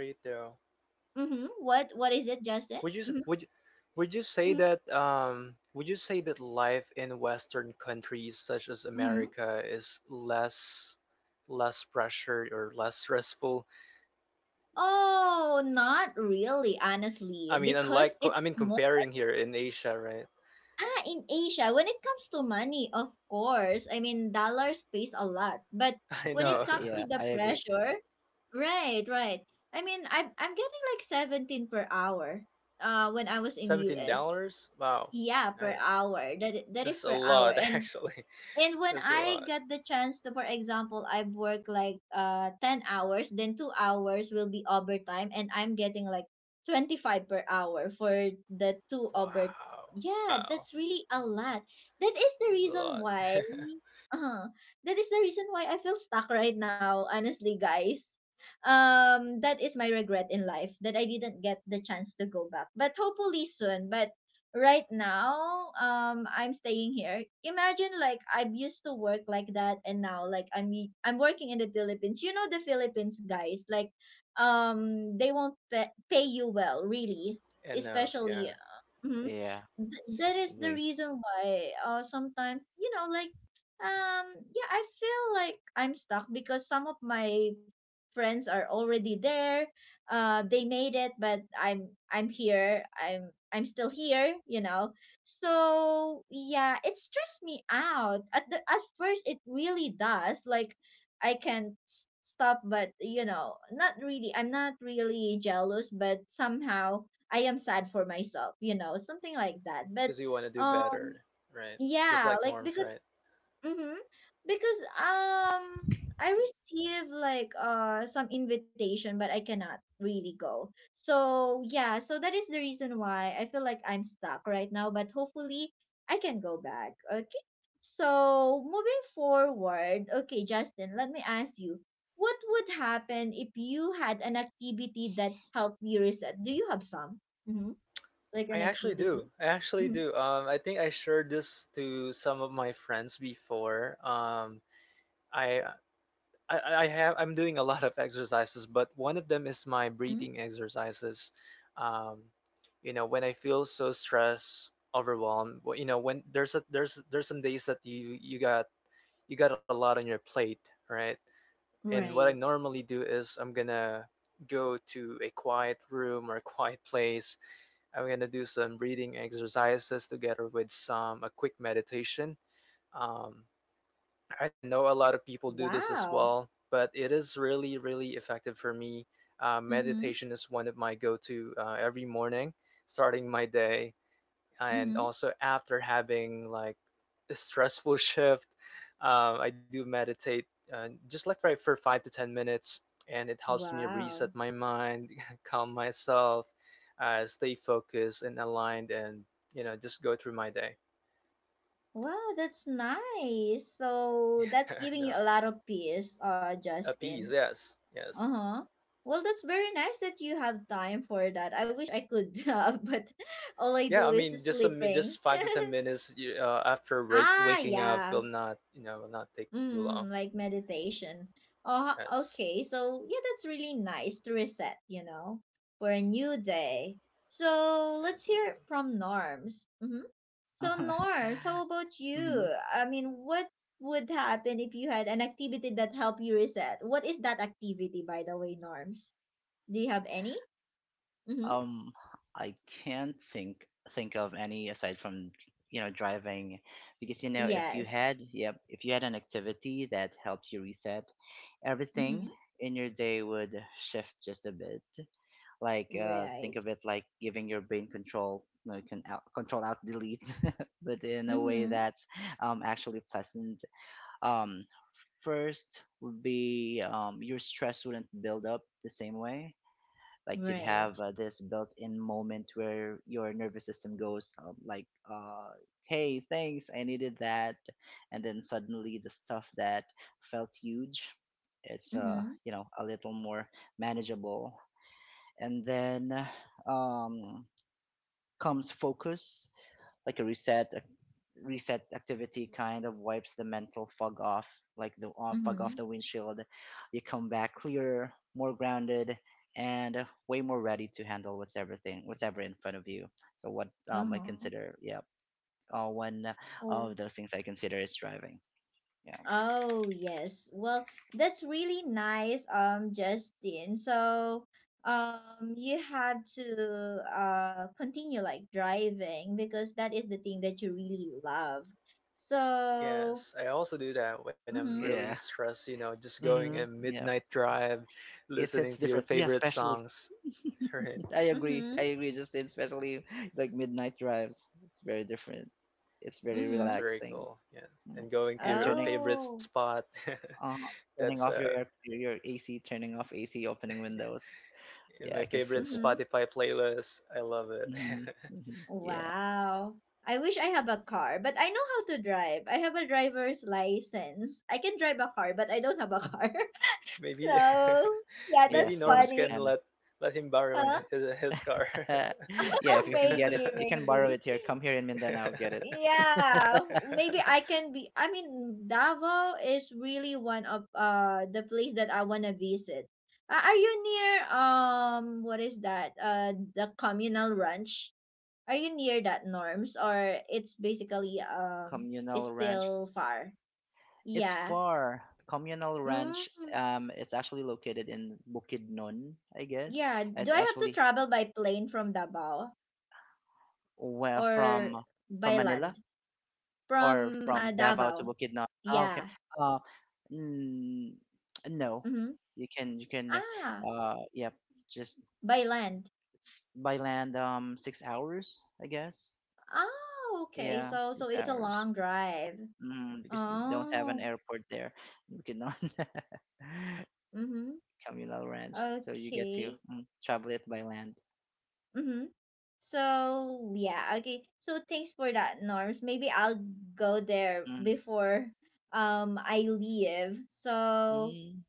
Speaker 1: Hmm. What is
Speaker 2: Would you
Speaker 1: it,
Speaker 2: s- would
Speaker 1: Justin?
Speaker 2: you-
Speaker 1: Hmm.
Speaker 2: would you say that
Speaker 1: Hmm.
Speaker 2: um would you say that life in Western countries such as America
Speaker 1: Hmm.
Speaker 2: is less pressured or less stressful.
Speaker 1: Oh, not really,
Speaker 2: I
Speaker 1: honestly,
Speaker 2: mean, unlike,
Speaker 1: because
Speaker 2: I
Speaker 1: it's
Speaker 2: mean,
Speaker 1: more—
Speaker 2: comparing here in Asia, right?
Speaker 1: ah, in Asia, when it comes to money, of course. I mean, dollars pays a lot, but
Speaker 2: I
Speaker 1: when it
Speaker 2: know,
Speaker 1: comes to
Speaker 3: Yeah,
Speaker 1: the
Speaker 3: I agree.
Speaker 1: pressure— Right, right. I mean, I'm getting like 17 per hour. When I was in
Speaker 2: seventeen
Speaker 1: US.
Speaker 2: dollars. Wow,
Speaker 1: Yeah, per
Speaker 2: nice.
Speaker 1: hour. That
Speaker 2: That's
Speaker 1: is
Speaker 2: a
Speaker 1: per hour.
Speaker 2: lot,
Speaker 1: And
Speaker 2: actually.
Speaker 1: when
Speaker 2: That's a
Speaker 1: I
Speaker 2: lot.
Speaker 1: get the chance to, for example, I've worked like, 10 hours, then 2 hours will be overtime, and I'm getting like 25 per hour for the 2 over.
Speaker 2: Wow,
Speaker 1: Yeah,
Speaker 2: wow,
Speaker 1: that's really a lot. That is the
Speaker 2: that's a
Speaker 1: reason
Speaker 2: lot.
Speaker 1: why uh, that is the reason why I feel stuck right now, honestly, guys. That is my regret in life that I didn't get the chance to go back. But hopefully soon. But right now, I'm staying here. Imagine, like, I've used to work like that, and now, like, I'm working in the Philippines. You know, the Philippines, guys, like, they won't pay you well, really,
Speaker 2: Enough,
Speaker 1: especially,
Speaker 2: yeah.
Speaker 1: mhm.
Speaker 3: Yeah,
Speaker 1: That is the
Speaker 3: agree.
Speaker 1: reason why, sometimes, you know, like, yeah, I feel like I'm stuck because some of my friends are already there. They made it, but I'm here, I'm still here, you know. So yeah, it stressed me out at the at first, it really does. Like, I can stop, but, you know, not really. I'm not really jealous, but somehow I am sad for myself, you know, something like that. But
Speaker 2: Because you want to do
Speaker 1: um
Speaker 2: better, right?
Speaker 1: yeah,
Speaker 2: Just
Speaker 1: like,
Speaker 2: like
Speaker 1: because—
Speaker 2: Norms, right?
Speaker 1: Mm-hmm. Because I receive like, some invitation, but I cannot really go. So yeah, so that is the reason why I feel like I'm stuck right now, but hopefully I can go back. Okay. So moving forward, okay, Justin, let me ask you, what would happen if you had an activity that helped you reset? Do you have some? Mm-hmm. Like an
Speaker 2: I actually do.
Speaker 1: activity?
Speaker 2: I actually do. I think I shared this to some of my friends before. I I'm doing a lot of exercises, but one of them is my
Speaker 1: Mm-hmm.
Speaker 2: breathing exercises. Um, when I feel so stressed, overwhelmed, when there's a there's there's some days that you got a lot on your plate, right? And what I
Speaker 1: Right.
Speaker 2: normally do is I'm gonna go to a quiet room or a quiet place. I'm gonna do some breathing exercises together with some a quick meditation. Um, I know a lot of people do this as
Speaker 1: Wow.
Speaker 2: well, but it is really, really effective for me.
Speaker 1: Mm-hmm.
Speaker 2: Meditation is one of my go to every morning, starting my day, and
Speaker 1: Mm-hmm.
Speaker 2: also after having like a stressful shift. I do meditate, just like for 5 to 10 minutes, and it helps me reset
Speaker 1: Wow.
Speaker 2: my mind, calm myself, stay focused and aligned, and just go through my day.
Speaker 1: Wow, that's nice. So
Speaker 2: Yeah,
Speaker 1: that's
Speaker 2: no,
Speaker 1: giving you a lot of peace,
Speaker 2: at peace.
Speaker 1: Justin.
Speaker 2: Yes, yes.
Speaker 1: Uh-huh. Well, that's very nice that you have time for that. I wish I could, but all I
Speaker 2: Yeah,
Speaker 1: do
Speaker 2: I
Speaker 1: is
Speaker 2: mean, just some
Speaker 1: sleeping.
Speaker 2: just 5 to 10 minutes after
Speaker 1: Ah,
Speaker 2: waking up
Speaker 1: yeah.
Speaker 2: will not, will not take too long.
Speaker 1: Like meditation. Oh,
Speaker 2: Yes,
Speaker 1: okay. So, yeah, that's really nice to reset, you know, for a new day. So, let's hear it
Speaker 2: absolutely.
Speaker 1: from Norms. Mm-hmm. So, Norms, how about you?
Speaker 3: Mhm.
Speaker 1: I mean, what would happen if you had an activity that helped you reset? What is that activity, by the way, Norms? Do you have any? Mm-hmm.
Speaker 3: Um, I can't think of any aside from, driving, because you know if you
Speaker 1: Yes.
Speaker 3: had yep if you had an activity that helps you reset,
Speaker 1: Mm-hmm.
Speaker 3: everything in your day would shift just a bit. Like, think
Speaker 1: Right.
Speaker 3: of it like giving your brain control. You know, you can out, control out delete, but in a way
Speaker 1: Mm-hmm.
Speaker 3: that's, actually pleasant. Um, First would be, your stress wouldn't build up the same way. Like, you'd have,
Speaker 1: Right.
Speaker 3: this built-in moment where your nervous system goes, like, uh, hey, thanks, I needed that. And then suddenly the stuff that felt huge, it's,
Speaker 1: Mm-hmm.
Speaker 3: a little more manageable. And then, uh, um comes focus. Like a reset activity kind of wipes the mental fog off, like the, fog off
Speaker 1: Mm-hmm.
Speaker 3: the windshield. You come back clearer, more grounded, and, way more ready to handle what's ever in front of you. So what, I
Speaker 1: Uh-huh.
Speaker 3: consider, yeah, one
Speaker 1: Oh,
Speaker 3: of those things I consider is driving. Yeah.
Speaker 1: Oh, yes. Well, that's really nice, Justin. So, you have to, continue like driving because that is the thing that you really love. So,
Speaker 2: Yes, I also do that when I'm really
Speaker 1: mm-hmm,
Speaker 3: Yeah,
Speaker 2: stressed. Just going a
Speaker 3: Mm-hmm. Yeah,
Speaker 2: midnight drive,
Speaker 3: it
Speaker 2: listening
Speaker 3: hits
Speaker 2: to your
Speaker 3: different, yeah,
Speaker 2: favorite
Speaker 3: especially.
Speaker 2: songs. Right,
Speaker 3: I agree.
Speaker 1: mm-hmm,
Speaker 3: I agree, Justin, especially like midnight drives. It's very different. It's very
Speaker 2: it's
Speaker 1: mm-hmm.
Speaker 2: very
Speaker 3: relaxing.
Speaker 2: cool. Yes,
Speaker 3: Mm.
Speaker 2: and going to
Speaker 3: And
Speaker 2: your favorite
Speaker 1: Oh,
Speaker 2: spot.
Speaker 3: uh,
Speaker 2: That's
Speaker 3: turning off your air, your AC, turning off AC, opening windows.
Speaker 2: in
Speaker 3: Yeah,
Speaker 2: my
Speaker 3: I can feel
Speaker 2: favorite
Speaker 3: the
Speaker 1: mm-hmm.
Speaker 3: wind.
Speaker 2: Spotify playlist. I love it.
Speaker 3: Hmm. Hmm. Yeah.
Speaker 1: Wow. I wish I have a car, but I know how to drive. I have a driver's license. I can drive a car, but I don't have a car.
Speaker 2: Maybe
Speaker 1: So, yeah,
Speaker 3: Yeah,
Speaker 1: that's
Speaker 2: maybe
Speaker 3: soon,
Speaker 2: Norms
Speaker 1: funny.
Speaker 2: can
Speaker 3: Hannah.
Speaker 2: let him borrow
Speaker 3: Soon.
Speaker 1: Huh?
Speaker 2: his car.
Speaker 3: Yeah, if you can get it,
Speaker 1: Maybe,
Speaker 3: you can borrow
Speaker 1: maybe.
Speaker 3: it here. Come here in Mindanao, get it.
Speaker 1: Yeah, maybe I can be. I mean, Davao is really one of the place that I wanna visit. Are you near, what is that? The Communal Ranch. Are you near that, Norms, or it's basically— it's
Speaker 3: Communal ranch.
Speaker 1: still far?
Speaker 3: It's
Speaker 1: Yeah.
Speaker 3: far. Communal Ranch,
Speaker 1: Mm,
Speaker 3: it's actually located in Bukidnon, I guess.
Speaker 1: yeah. Do
Speaker 3: It's
Speaker 1: I have to
Speaker 3: actually,
Speaker 1: travel by plane from Davao
Speaker 3: well,
Speaker 1: or
Speaker 3: from
Speaker 1: by
Speaker 3: Manila,
Speaker 1: land
Speaker 3: or
Speaker 1: from,
Speaker 3: from Davao to
Speaker 1: Davao?
Speaker 3: Bukidnon. Ah, okay.
Speaker 1: Yeah.
Speaker 3: Uh, mm, no,
Speaker 1: Mhm.
Speaker 3: you can,
Speaker 1: Ah,
Speaker 3: yep, just,
Speaker 1: by land.
Speaker 3: it's by land, 6 hours, I guess.
Speaker 1: Oh, okay.
Speaker 3: Yeah,
Speaker 1: So
Speaker 3: six
Speaker 1: it's a
Speaker 3: hours
Speaker 1: long drive.
Speaker 3: because they don't have an
Speaker 1: Oh.
Speaker 3: airport there in Bukidnon.
Speaker 1: Mhm.
Speaker 3: Communal ranch, so you get to,
Speaker 1: Okay.
Speaker 3: travel it by land.
Speaker 1: Mhm. So yeah, okay. So thanks for that, Norms. Maybe I'll go there
Speaker 3: Mm.
Speaker 1: before, I leave. So
Speaker 3: Mm.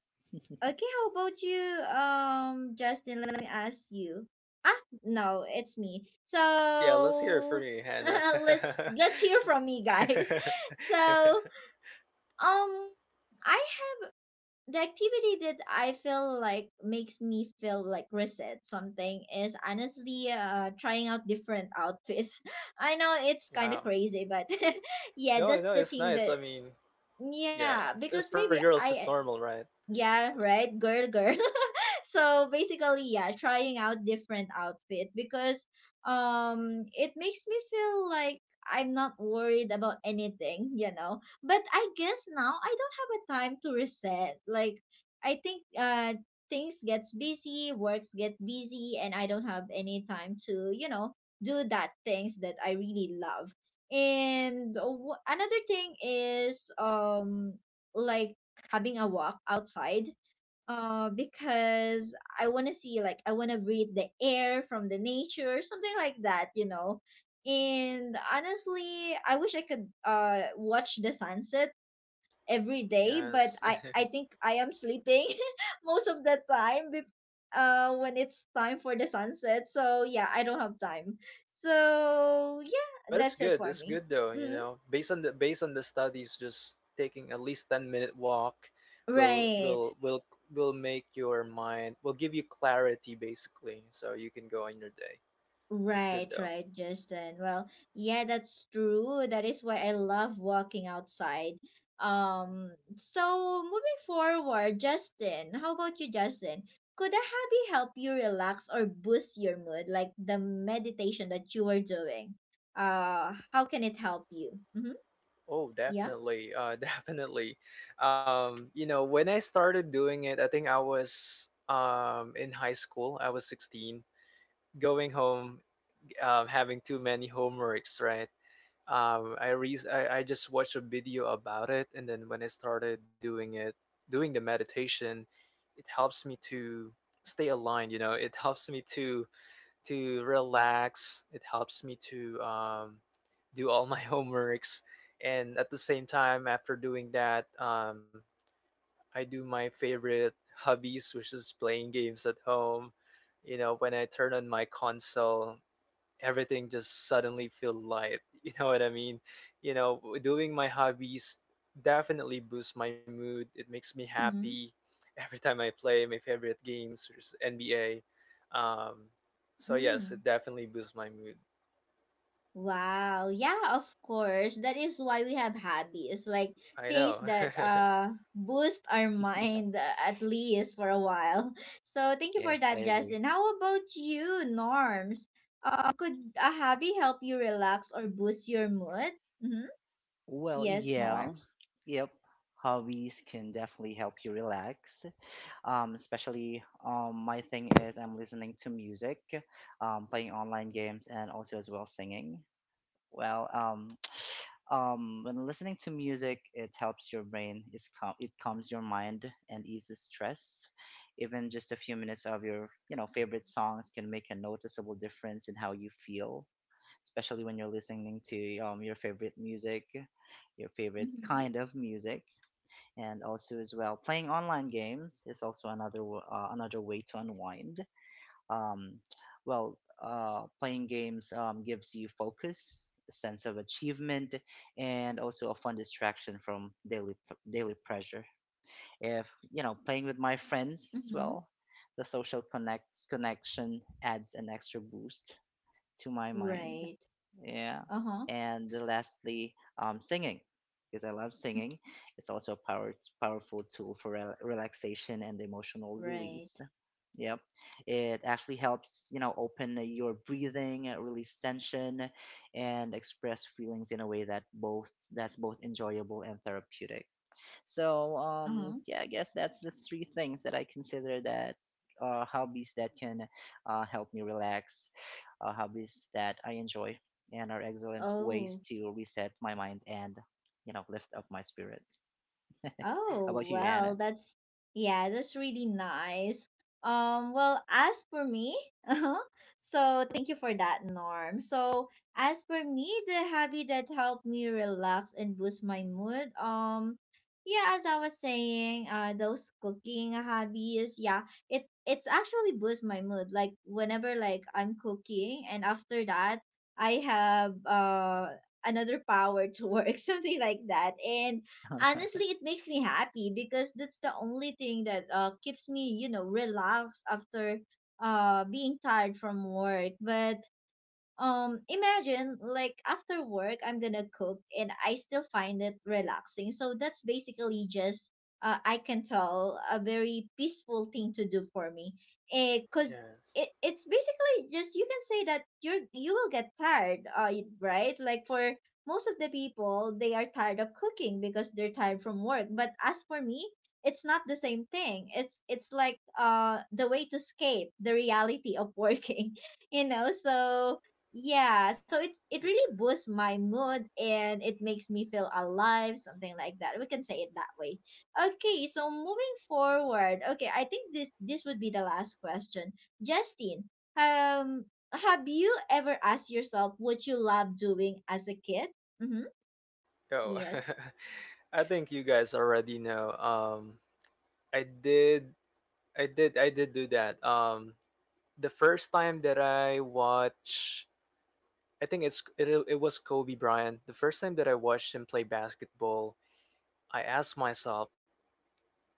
Speaker 1: okay, how about you, Justin? Let me ask you. Ah, no, it's me.
Speaker 2: Yeah, let's hear it from
Speaker 1: So
Speaker 2: you, Hannah.
Speaker 1: let's hear from me, guys. So Um, I have the activity that I feel like makes me feel like reset something is honestly trying out different outfits. I know it's kind of
Speaker 2: Wow.
Speaker 1: crazy, but yeah,
Speaker 2: No,
Speaker 1: that's
Speaker 2: no,
Speaker 1: the
Speaker 2: it's
Speaker 1: thing that
Speaker 2: nice. I mean,
Speaker 1: yeah,
Speaker 2: yeah,
Speaker 1: because
Speaker 2: it's
Speaker 1: maybe
Speaker 2: for girls.
Speaker 1: I
Speaker 2: It's normal, right?
Speaker 1: yeah,
Speaker 2: So
Speaker 1: right, girl, girl. So basically, yeah, trying out different outfit because it makes me feel like I'm not worried about anything, But I guess now I don't have a time to reset. Like I think things gets busy, works get busy, and I don't have any time to, do that things that I really love. And another thing is like having a walk outside because I want to see, like, I want to breathe the air from the nature, something like that, and honestly I wish I could watch the sunset every day,
Speaker 2: yeah,
Speaker 1: but
Speaker 2: yes.
Speaker 1: i i think I am sleeping most of the time when it's time for the sunset. So yeah, I don't have time. So yeah,
Speaker 2: But it's
Speaker 1: that's it
Speaker 2: good.
Speaker 1: for
Speaker 2: It's
Speaker 1: me.
Speaker 2: good though.
Speaker 1: Hmm.
Speaker 2: Based on the studies, just taking at least 10-minute walk will
Speaker 1: Right.
Speaker 2: will will will make your mind, will give you clarity basically, so you can go on your day. It's good
Speaker 1: Right,
Speaker 2: though.
Speaker 1: right, Justin. Well, yeah, that's true. That is why I love walking outside. So moving forward, Justin, how about you, Justin? Could a hobby help you relax or boost your mood, like the meditation that you were doing? How can it help you? Mm-hmm.
Speaker 2: Oh,
Speaker 1: Yeah.
Speaker 2: definitely. Definitely. When I started doing it, I think I was in high school. I was 16, going home, having too many homeworks, right? I re I Just watched a video about it, and then when I started doing it, doing the meditation, it helps me to stay aligned, it helps me to relax. It helps me to do all my homeworks, and at the same time, after doing that, I do my favorite hobbies, which is playing games at home. When I turn on my console, everything just suddenly feel light. You know what I mean? you know Doing my hobbies definitely boosts my mood. It makes me
Speaker 1: Mm-hmm.
Speaker 2: happy. Every time I play my favorite games, which is NBA. um so
Speaker 1: Mm-hmm.
Speaker 2: yes, it definitely boosts my mood.
Speaker 1: Wow. Yeah, of course. That is why we have hobbies, like
Speaker 2: I
Speaker 1: things
Speaker 2: know.
Speaker 1: that boost our mind, at least for a while. So thank you
Speaker 3: Yeah,
Speaker 1: for
Speaker 3: I
Speaker 1: that,
Speaker 3: agree.
Speaker 1: Justin. How about you, Norms? Could a hobby help you relax or boost your mood? Mm-hmm.
Speaker 3: Well,
Speaker 1: Yes,
Speaker 3: yeah,
Speaker 1: Norms.
Speaker 3: yep. Hobbies can definitely help you relax. Especially, my thing is I'm listening to music, playing online games, and also as well singing. Well, when listening to music, it helps your brain. It's it calms your mind and eases stress. Even just a few minutes of your, favorite songs can make a noticeable difference in how you feel, especially when you're listening to, your favorite music, your favorite
Speaker 1: Mm-hmm.
Speaker 3: kind of music. And also, as well, playing online games is also another way to unwind. Um, well, playing games, gives you focus, a sense of achievement, and also a fun distraction from daily pressure. If playing with my friends as
Speaker 1: Mm-hmm.
Speaker 3: well, the social connects connection adds an extra boost to my mind.
Speaker 1: Right.
Speaker 3: Yeah,
Speaker 1: Uh-huh.
Speaker 3: and lastly, singing, because I love
Speaker 1: Mm-hmm.
Speaker 3: singing. It's also a powerful tool for relaxation and emotional release.
Speaker 1: Right.
Speaker 3: Yep. It actually helps, open your breathing, release tension, and express feelings in a way that's both enjoyable and therapeutic. So,
Speaker 1: Uh-huh.
Speaker 3: yeah, I guess that's the three things that I consider, that, hobbies that can, help me relax, hobbies that I enjoy, and are excellent ways
Speaker 1: Oh.
Speaker 3: to reset my mind and, lift up my spirit. How
Speaker 1: Oh,
Speaker 3: about you, Hannah?
Speaker 1: well, that's yeah, that's really nice. Well, as for me, uh-huh, so thank you for that, Norm. So, as for me, the hobby that helped me relax and boost my mood, yeah, as I was saying, those cooking hobbies, yeah, it's actually boost my mood. Like whenever, like, I'm cooking, and after that, I have another power to work, something like that. And honestly it makes me happy because that's the only thing that, keeps me, relaxed after being tired from work. But imagine, like, after work I'm gonna cook and I still find it relaxing. So that's basically just, I can tell, a very peaceful thing to do for me. Because it,
Speaker 2: Yes,
Speaker 1: it's basically just, you can say that you will get tired, right? Like, for most of the people, they are tired of cooking because they're tired from work. But as for me, it's not the same thing. It's like the way to escape the reality of working. You know, so yeah, so it really
Speaker 2: yeah.
Speaker 1: boosts my mood and it makes me feel alive, something like that, we can say it that way. Okay, so moving forward. Okay, I think this would be the last question. Justine, um have you ever asked yourself what you love doing as a kid? Mm-hmm.
Speaker 2: Oh.
Speaker 1: Yes.
Speaker 2: I think you guys already know. I did I did do that. The first time that I watch, I think it was Kobe Bryant. The first time that I watched him play basketball, I asked myself,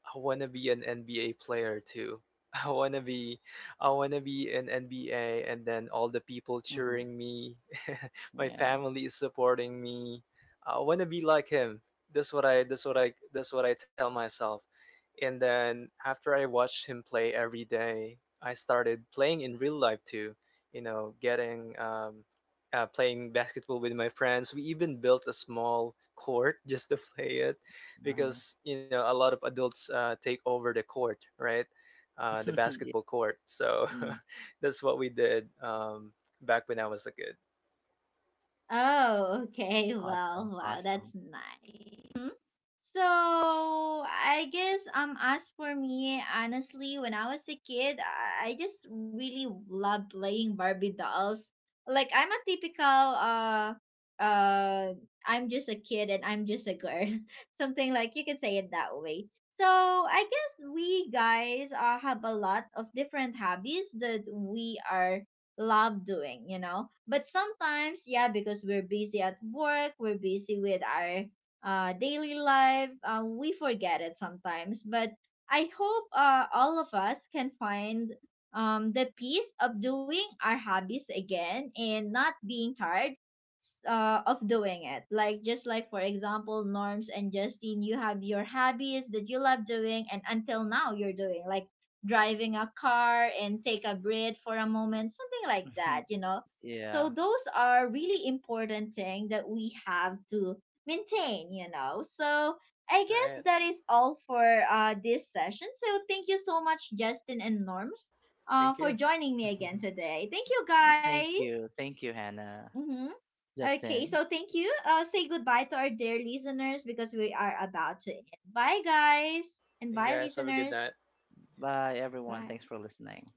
Speaker 2: I wanna be an NBA player too. I wanna be I wanna be an NBA, and then all the people
Speaker 3: Hmm.
Speaker 2: cheering me. My
Speaker 3: Yeah.
Speaker 2: family is supporting me. I wanna be like him. That's what I tell myself. And then after I watched him play every day, I started playing in real life too. You know, getting Playing basketball with my friends. We even built a small court just to play it
Speaker 3: Uh-huh.
Speaker 2: because a lot of adults take over the court, right? The
Speaker 3: Yeah.
Speaker 2: basketball court. So
Speaker 3: Mm.
Speaker 2: that's what we did, back when I was a kid.
Speaker 1: Oh, okay. Well,
Speaker 3: Awesome.
Speaker 1: wow,
Speaker 3: Awesome.
Speaker 1: that's nice. Mhm. So I guess as for me, honestly, when I was a kid, I just really loved playing Barbie dolls. Like, I'm a typical uh I'm just a kid and I'm just a girl. Something like, you can say it that way. So I guess we guys, have a lot of different hobbies that we are love doing, you know. But sometimes, yeah, because we're busy at work, we're busy with our daily life, we forget it sometimes. But I hope, all of us can find, the peace of doing our hobbies again and not being tired of doing it. Like, just like, for example, Norms and Justine, you have your hobbies that you love doing, and until now you're doing. Like, driving a car and take a breath for a moment, something like that, you know.
Speaker 3: Yeah.
Speaker 1: So those are really important thing that we have to maintain, you know. So I
Speaker 2: All
Speaker 1: guess
Speaker 2: right.
Speaker 1: that is all for, this session. So thank you so much, Justin and Norms,
Speaker 2: Thank
Speaker 1: for
Speaker 2: you.
Speaker 1: joining me again
Speaker 2: Thank
Speaker 1: today. Thank you,
Speaker 3: Thank
Speaker 1: guys.
Speaker 3: you. Thank you, Hannah.
Speaker 1: Mm-hmm. Okay, so
Speaker 3: Justin.
Speaker 1: thank you. Say goodbye to our dear listeners because we are about to end. Bye, guys,
Speaker 2: you
Speaker 1: and bye,
Speaker 2: guys. Have a good night.
Speaker 1: listeners.
Speaker 3: Bye, everyone.
Speaker 1: Bye.
Speaker 3: Thanks for listening.